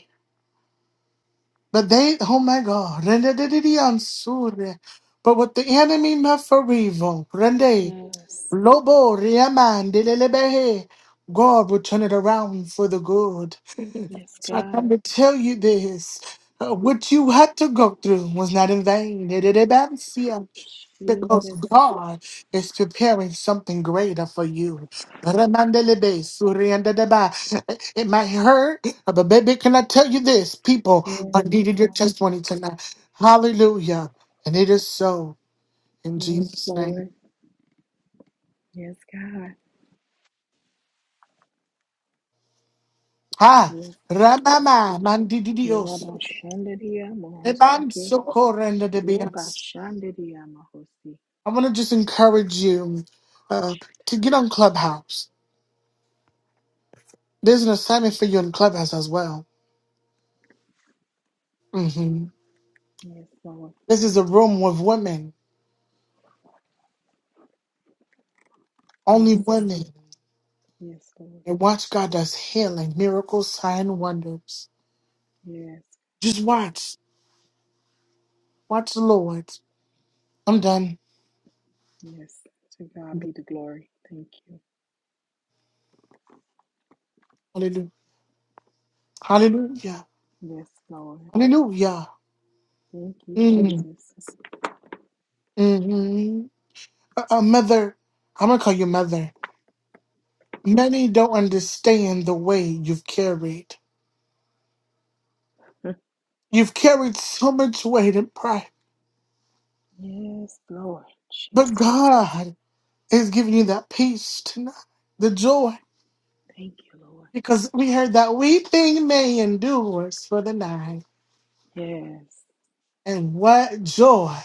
Speaker 1: [LAUGHS] But they, oh my God, rende de de de ansure. But what the enemy meant for evil, Rende,
Speaker 5: Yes,
Speaker 1: Lobo, Riaman, de lelebehe. God will turn it around for the good.
Speaker 5: yes,
Speaker 1: So I
Speaker 5: God,
Speaker 1: come to tell you this. uh, what you had to go through was not in vain. Nerebansia, Because
Speaker 5: Jesus,
Speaker 1: God is preparing something greater for you. Ramandelebe, suriandadeba. It might hurt, uh, but baby, can I tell you this? People
Speaker 5: yes,
Speaker 1: are needing your
Speaker 5: God,
Speaker 1: testimony tonight. Hallelujah. And it is so in
Speaker 5: yes,
Speaker 1: Jesus' name.
Speaker 5: Lord, yes, God,
Speaker 1: Ha!
Speaker 5: yes,
Speaker 1: Ramama mandidioso.
Speaker 5: Yerabashandariya
Speaker 1: Eban
Speaker 5: Mahosake.
Speaker 1: socorrendo de
Speaker 5: Yebashandariya Mahosi.
Speaker 1: I want to just encourage you uh, to get on Clubhouse. There's an assignment for you in Clubhouse as well. hmm
Speaker 5: Yes, Lord.
Speaker 1: This is a room with women, only
Speaker 5: Yes, God.
Speaker 1: women.
Speaker 5: Yes, Lord.
Speaker 1: And watch God does healing, miracles, sign wonders.
Speaker 5: Yes,
Speaker 1: Just watch. Watch the Lord. I'm done.
Speaker 5: yes. To God be the glory. Thank you.
Speaker 1: Hallelujah. Hallelujah.
Speaker 5: Yes, Lord.
Speaker 1: Hallelujah.
Speaker 5: Thank you,
Speaker 1: Mm-hmm.
Speaker 5: Jesus.
Speaker 1: Mm-hmm. Uh, uh, mother, I'm going to call you mother. Many don't understand the way you've carried.
Speaker 5: [LAUGHS]
Speaker 1: You've carried so much weight and pride
Speaker 5: Yes, Lord.
Speaker 1: But
Speaker 5: Jesus.
Speaker 1: God is giving you that peace tonight, the joy,
Speaker 5: Thank you, Lord.
Speaker 1: because we heard that weeping may endure for the night,
Speaker 5: Yes.
Speaker 1: and what joy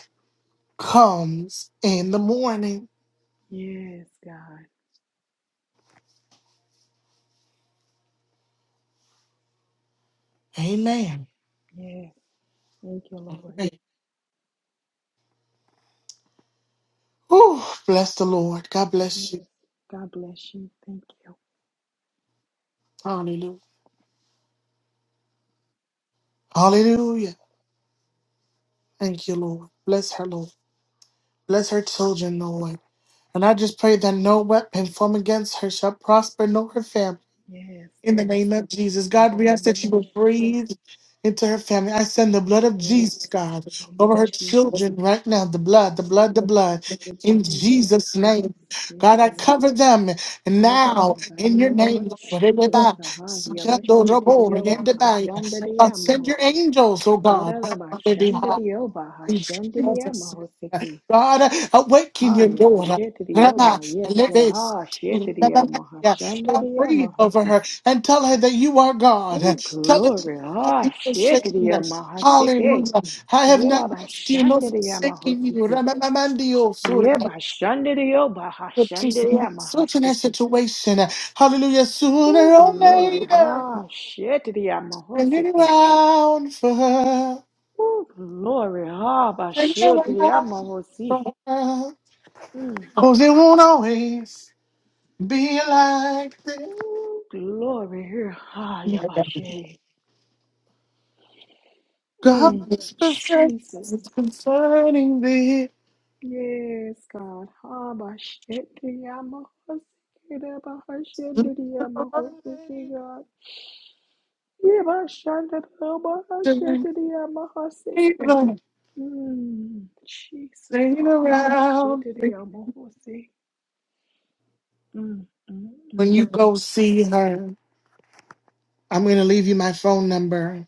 Speaker 1: comes in the morning.
Speaker 5: Yes, God.
Speaker 1: Amen.
Speaker 5: Yes. Thank you, Lord.
Speaker 1: Amen. Whew, bless the Lord. God bless you.
Speaker 5: Yes. God bless you. Thank you.
Speaker 1: Hallelujah. Hallelujah. Thank you, Lord. Bless her, Lord. Bless her children, Lord. And I just pray that no weapon formed against her shall prosper, nor her family.
Speaker 5: Yes,
Speaker 1: In the
Speaker 5: Lord.
Speaker 1: name of Jesus,
Speaker 5: In the
Speaker 1: God, we ask that you
Speaker 5: name
Speaker 1: will
Speaker 5: of Jesus.
Speaker 1: breathe into her family. I send the blood of
Speaker 5: Yes,
Speaker 1: Jesus,
Speaker 5: God,
Speaker 1: God,
Speaker 5: in the name
Speaker 1: over
Speaker 5: of
Speaker 1: her
Speaker 5: Jesus,
Speaker 1: children right now. The blood, the blood, the
Speaker 5: the
Speaker 1: blood.
Speaker 5: blood of
Speaker 1: In
Speaker 5: Jesus,
Speaker 1: Jesus'
Speaker 5: cover.
Speaker 1: name.
Speaker 5: Yes,
Speaker 1: God, I
Speaker 5: Lord,
Speaker 1: cover them
Speaker 5: cover
Speaker 1: now
Speaker 5: now, God, in
Speaker 1: in
Speaker 5: the
Speaker 1: your
Speaker 5: name
Speaker 1: name.
Speaker 5: of
Speaker 1: Lord. Everybody,
Speaker 5: Jesus, God, Yabashir to the Yoma, Hashanda the
Speaker 1: I'll Send your
Speaker 5: Yamahosi,
Speaker 1: angels, oh God, on their
Speaker 5: Yerabashanda
Speaker 1: behalf
Speaker 5: the Yoba,
Speaker 1: in
Speaker 5: Hashanda the
Speaker 1: Jesus. name.
Speaker 5: Yamahosiki,
Speaker 1: God, awaken
Speaker 5: Ha,
Speaker 1: your daughter.
Speaker 5: Yabashir to the
Speaker 1: Rama,
Speaker 5: Yoma, yes,
Speaker 1: let
Speaker 5: Lord,
Speaker 1: this-
Speaker 5: Ha, Shir to the Yoma, Hashanda
Speaker 1: Now
Speaker 5: the
Speaker 1: breathe over
Speaker 5: Yamahasi.
Speaker 1: her and tell her that you are God.
Speaker 5: Oh,
Speaker 1: Tell her that
Speaker 5: glory,
Speaker 1: you are not
Speaker 5: Ha, Shir to the
Speaker 1: forsaken.
Speaker 5: Yamahasiki,
Speaker 1: Hallelujah. I have not left you nor
Speaker 5: Yerabashanda the
Speaker 1: forsaken you.
Speaker 5: Yamahosiki.
Speaker 1: Ramamandio, sur-
Speaker 5: Yeah, by Shandiriyo, by Hashandiriya,
Speaker 1: Such in that
Speaker 5: Mahasiki.
Speaker 1: situation. Hallelujah.
Speaker 5: Oh,
Speaker 1: Sooner or
Speaker 5: glory,
Speaker 1: later,
Speaker 5: ha, Shetiriya,
Speaker 1: turn it
Speaker 5: Mahosiki.
Speaker 1: around for her.
Speaker 5: Oh, glory, ha, by
Speaker 1: Turn it
Speaker 5: Shetiriya,
Speaker 1: around for
Speaker 5: Mahosi.
Speaker 1: her.
Speaker 5: Mm.
Speaker 1: Cause it won't always be like this.
Speaker 5: Oh, glory, here, ha, Yabashi. Mm.
Speaker 1: God's perfect
Speaker 5: Jesus.
Speaker 1: concerning thee.
Speaker 5: Yes, God. Ha, by Shetiriya, Mahosiki, da, by Hashandiriya, Mahosiki, God. Yeah, by Shandiriya,
Speaker 1: Staying
Speaker 5: Mahosiki. Mm, Jesus, Abba,
Speaker 1: around
Speaker 5: Shedidi, Amohosi. Mm, mm,
Speaker 1: when
Speaker 5: mm.
Speaker 1: you go see her. I'm gonna leave you my phone number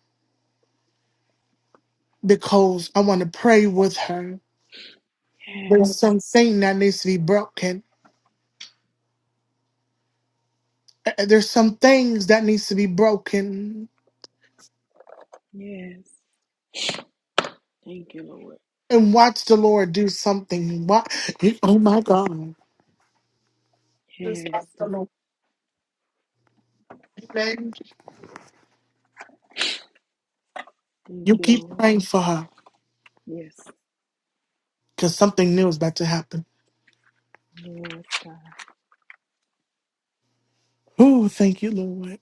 Speaker 1: because I want to pray with her. There's
Speaker 5: Yes,
Speaker 1: something that needs to be broken. Uh, There's some things that needs to be broken.
Speaker 5: yes. Thank you, Lord.
Speaker 1: And watch the Lord do something. Why? Oh my God. Just
Speaker 5: Yes,
Speaker 1: ask the
Speaker 5: God.
Speaker 1: Lord. Amen.
Speaker 5: Thank
Speaker 1: You
Speaker 5: you,
Speaker 1: keep
Speaker 5: Lord.
Speaker 1: praying for her
Speaker 5: Yes,
Speaker 1: because something new is about to happen.
Speaker 5: yes, God.
Speaker 1: Oh, thank you, Lord.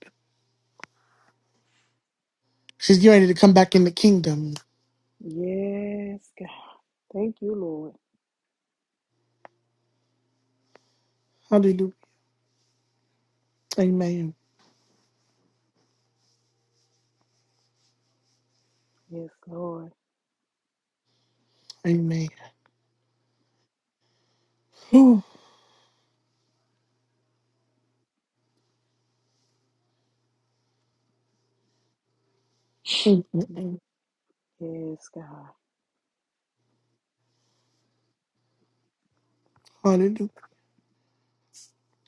Speaker 1: She's getting ready to come back in the kingdom.
Speaker 5: Yes, God. Thank you, Lord.
Speaker 1: Hallelujah. Amen.
Speaker 5: Yes, Lord.
Speaker 1: Amen. Ooh,
Speaker 5: Yes, God.
Speaker 1: hallelujah.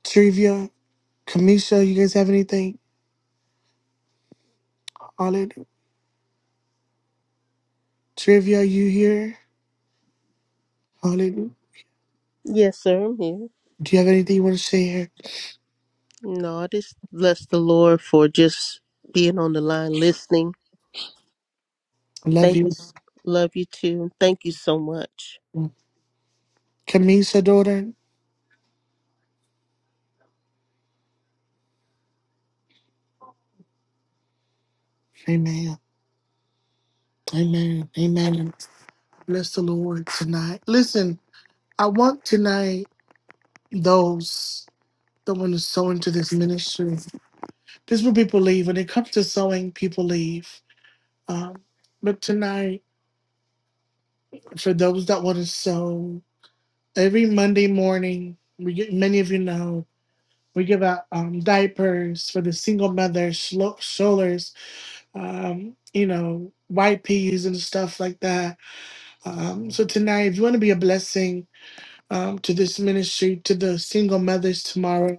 Speaker 1: Trivia, Kamisha, you guys have anything? Hallelujah. Trivia, you here? Hallelujah.
Speaker 4: Yes, sir. I'm here.
Speaker 1: Do you have anything you want to share?
Speaker 4: No, I just bless the Lord for just being on the line listening
Speaker 1: I love
Speaker 4: Thank you.
Speaker 1: you.
Speaker 4: s- Love you too. Thank you so much.
Speaker 1: Kamisha, daughter. Amen. Amen. Amen. Bless the Lord tonight. Listen, I want tonight those. someone to sow into this ministry. This is what people leave. When it comes to sowing, people leave. Um, but tonight, for those that want to sow, every Monday morning, we get, many of you know, we give out um, diapers for the single mothers, shlo- strollers, um, you know, white peas and stuff like that. Um, so tonight, if you want to be a blessing um, to this ministry, to the single mothers tomorrow,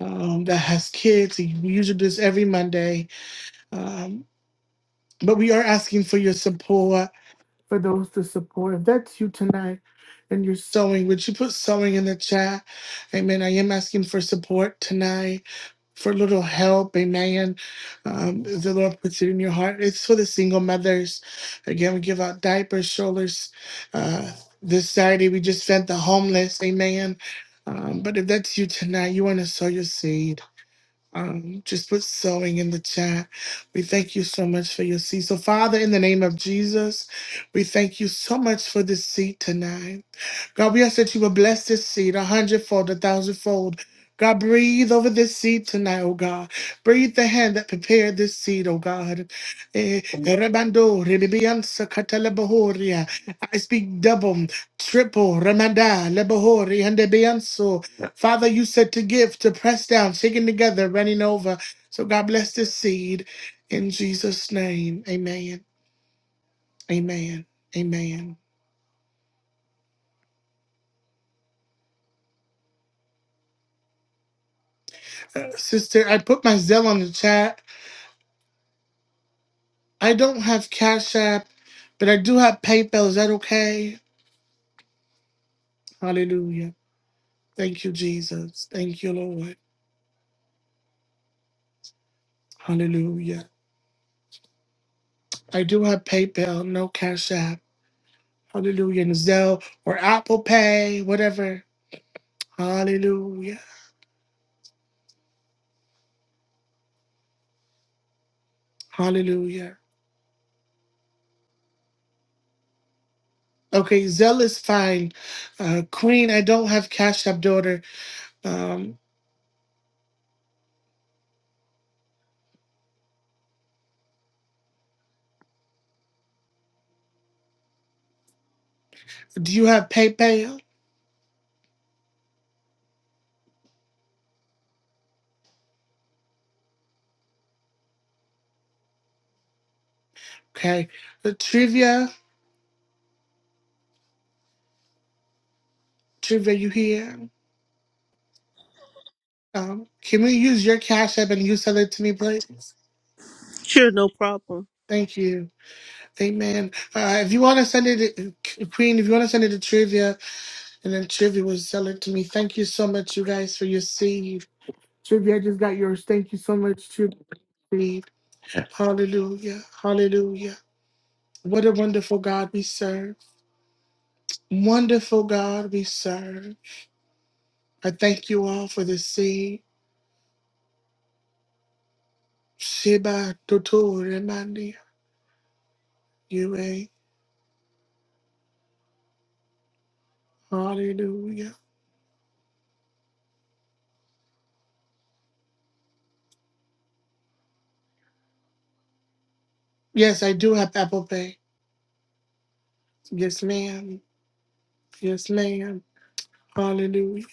Speaker 1: um, that has kids. We usually do this every Monday Um, but we are asking for your support, for those to support. If that's you tonight and you're sewing, would you put sewing in the chat? Amen. I am asking for support tonight, for a little help. Amen. Um, if the Lord puts it in your heart. It's for the single mothers. Again, we give out diapers, strollers. Uh, this Saturday, we just fed the homeless. Amen. Um, but if that's you tonight, you want to sow your seed. Um, just put sewing in the chat. We thank you so much for your seed. So, Father, in the name of Jesus, we thank you so much for this seed tonight. God, we ask that you would bless this seed a hundredfold, a thousandfold. God, breathe over this seed tonight, oh God. Breathe the hand that prepared this seed, oh God. Eh, Rebando, Rebiansa, Katalebohoria. I speak double, triple, Ramada, Lebahori, and Debianso. Father, you said to give, to press down, shaking together, running over. So God bless this seed in Jesus' name. Amen. Amen. Amen. Uh, sister, I put my Zell on the chat. I don't have Cash App, but I do have PayPal. Is that okay? Hallelujah. Thank you, Jesus. Thank you, Lord. Hallelujah. I do have PayPal, no Cash App. Hallelujah. And Zelle or Apple Pay, whatever. Hallelujah. Hallelujah. Okay, Zelle is fine. Uh, Queen, I don't have Cash App, daughter. Um, do you have PayPal? Okay. Uh, trivia, trivia, you here? Um, can we use your Cash App and you send it to me, please?
Speaker 4: Sure, no problem.
Speaker 1: Thank you. Amen. Uh, if you want to send it, to, Queen, if you want to send it to Trivia, and then Trivia will sell it to me. Thank you so much, you guys, for your seed. Trivia, I just got yours. Thank you so much, Trivia. seed. Hallelujah. Hallelujah. What a wonderful God we serve. Wonderful God we serve. I thank you all for the seed. Sheba Totori Mandi. Hallelujah. Yes, I do have Apple Pay. Yes, ma'am. Yes, ma'am. Hallelujah.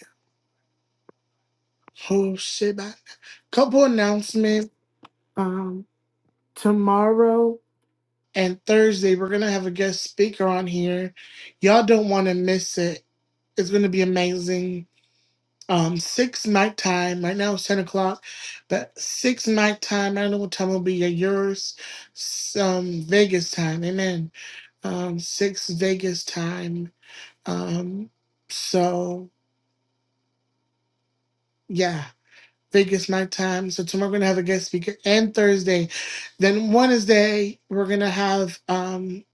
Speaker 1: Oh shit. I- Couple announcement. Um, tomorrow and Thursday we're gonna have a guest speaker on here. Y'all don't want to miss it. It's gonna be amazing. Um, six nighttime. Right now it's ten o'clock, but six nighttime. I don't know what time will be at yours. Some Vegas time. Amen. Um, six Vegas time. Um, so yeah, Vegas nighttime. So tomorrow we're gonna have a guest speaker and Thursday. Then Wednesday we're gonna have um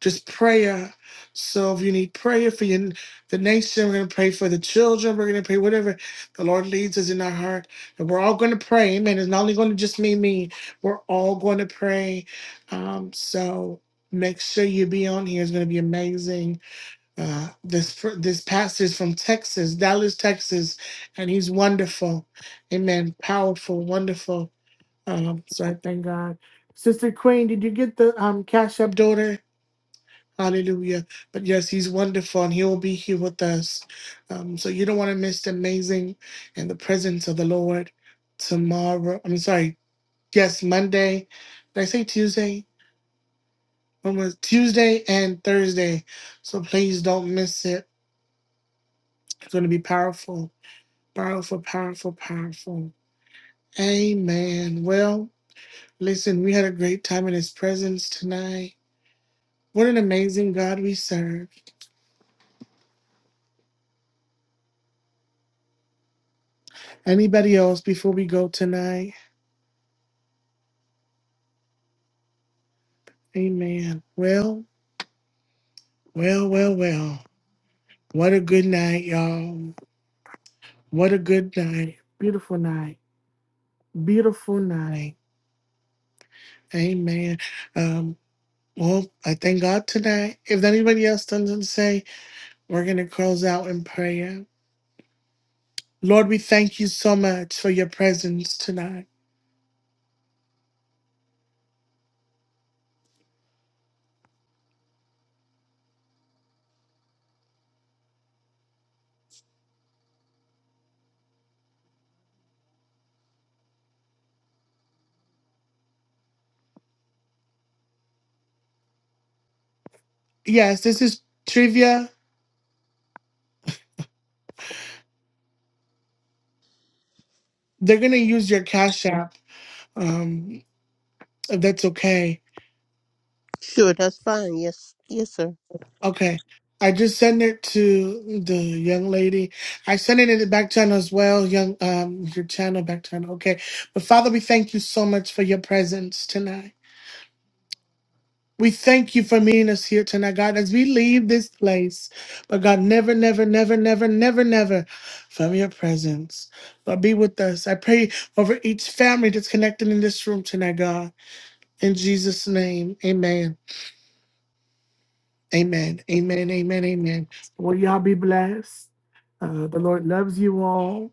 Speaker 1: just prayer. So if you need prayer for your, the nation, we're gonna pray for the children. We're gonna pray whatever the Lord leads us in our heart, and we're all gonna pray. Amen. It's not only gonna just be me. We're all going to pray. Um, so make sure you be on here. It's gonna be amazing Uh, this fr- this pastor's from Texas, Dallas, Texas, and he's wonderful. Amen. Powerful, wonderful. Um, so I thank God. Sister Queen, did you get the um cash up daughter? Hallelujah. But yes, he's wonderful and he will be here with us. Um, so you don't want to miss the amazing in the presence of the Lord tomorrow. I'm sorry, yes, Monday. Did I say Tuesday? When was Tuesday and Thursday? So please don't miss it. It's going to be powerful Powerful, powerful, powerful. Amen. Well, listen, we had a great time in his presence tonight. What an amazing God we serve. Anybody else before we go tonight? Amen. Well, well, well, well. What a good night, y'all. What a good night. Beautiful night. Beautiful night. Amen. Um, well, I thank God tonight. If anybody else doesn't say, we're going to close out in prayer. Lord, we thank you so much for your presence tonight. Yes, this is trivia. They're going to use your Cash App. Um, if that's okay.
Speaker 4: Sure, that's fine. Yes, yes, sir.
Speaker 1: Okay. I just sent it to the young lady. I sent it in the back channel as well, young um your channel back channel. Okay. But Father, we thank you so much for your presence tonight. We thank you for meeting us here tonight, God, as we leave this place. But God, never, never, never, never, never, never from your presence. But be with us. I pray over each family that's connected in this room tonight, God. In Jesus' name, amen. Amen. Amen. Amen. Amen. Well, y'all be blessed. Uh, the Lord loves you all.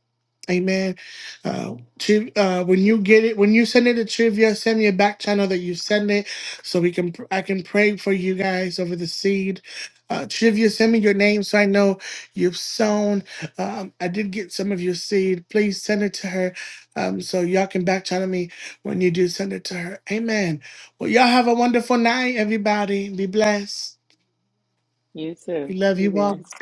Speaker 1: Amen. Uh, Chiv, uh, when you get it, when you send it to Trivia, send me a back channel that you send it, so we can I can pray for you guys over the seed. Uh, Trivia, send me your name so I know you've sown. Um, I did get some of your seed. Please send it to her, um, so y'all can back channel me when you do send it to her. Amen. Well, y'all have a wonderful night, everybody. Be blessed.
Speaker 5: You
Speaker 1: We
Speaker 5: too.
Speaker 1: love
Speaker 5: Be
Speaker 1: you all.
Speaker 5: blessed.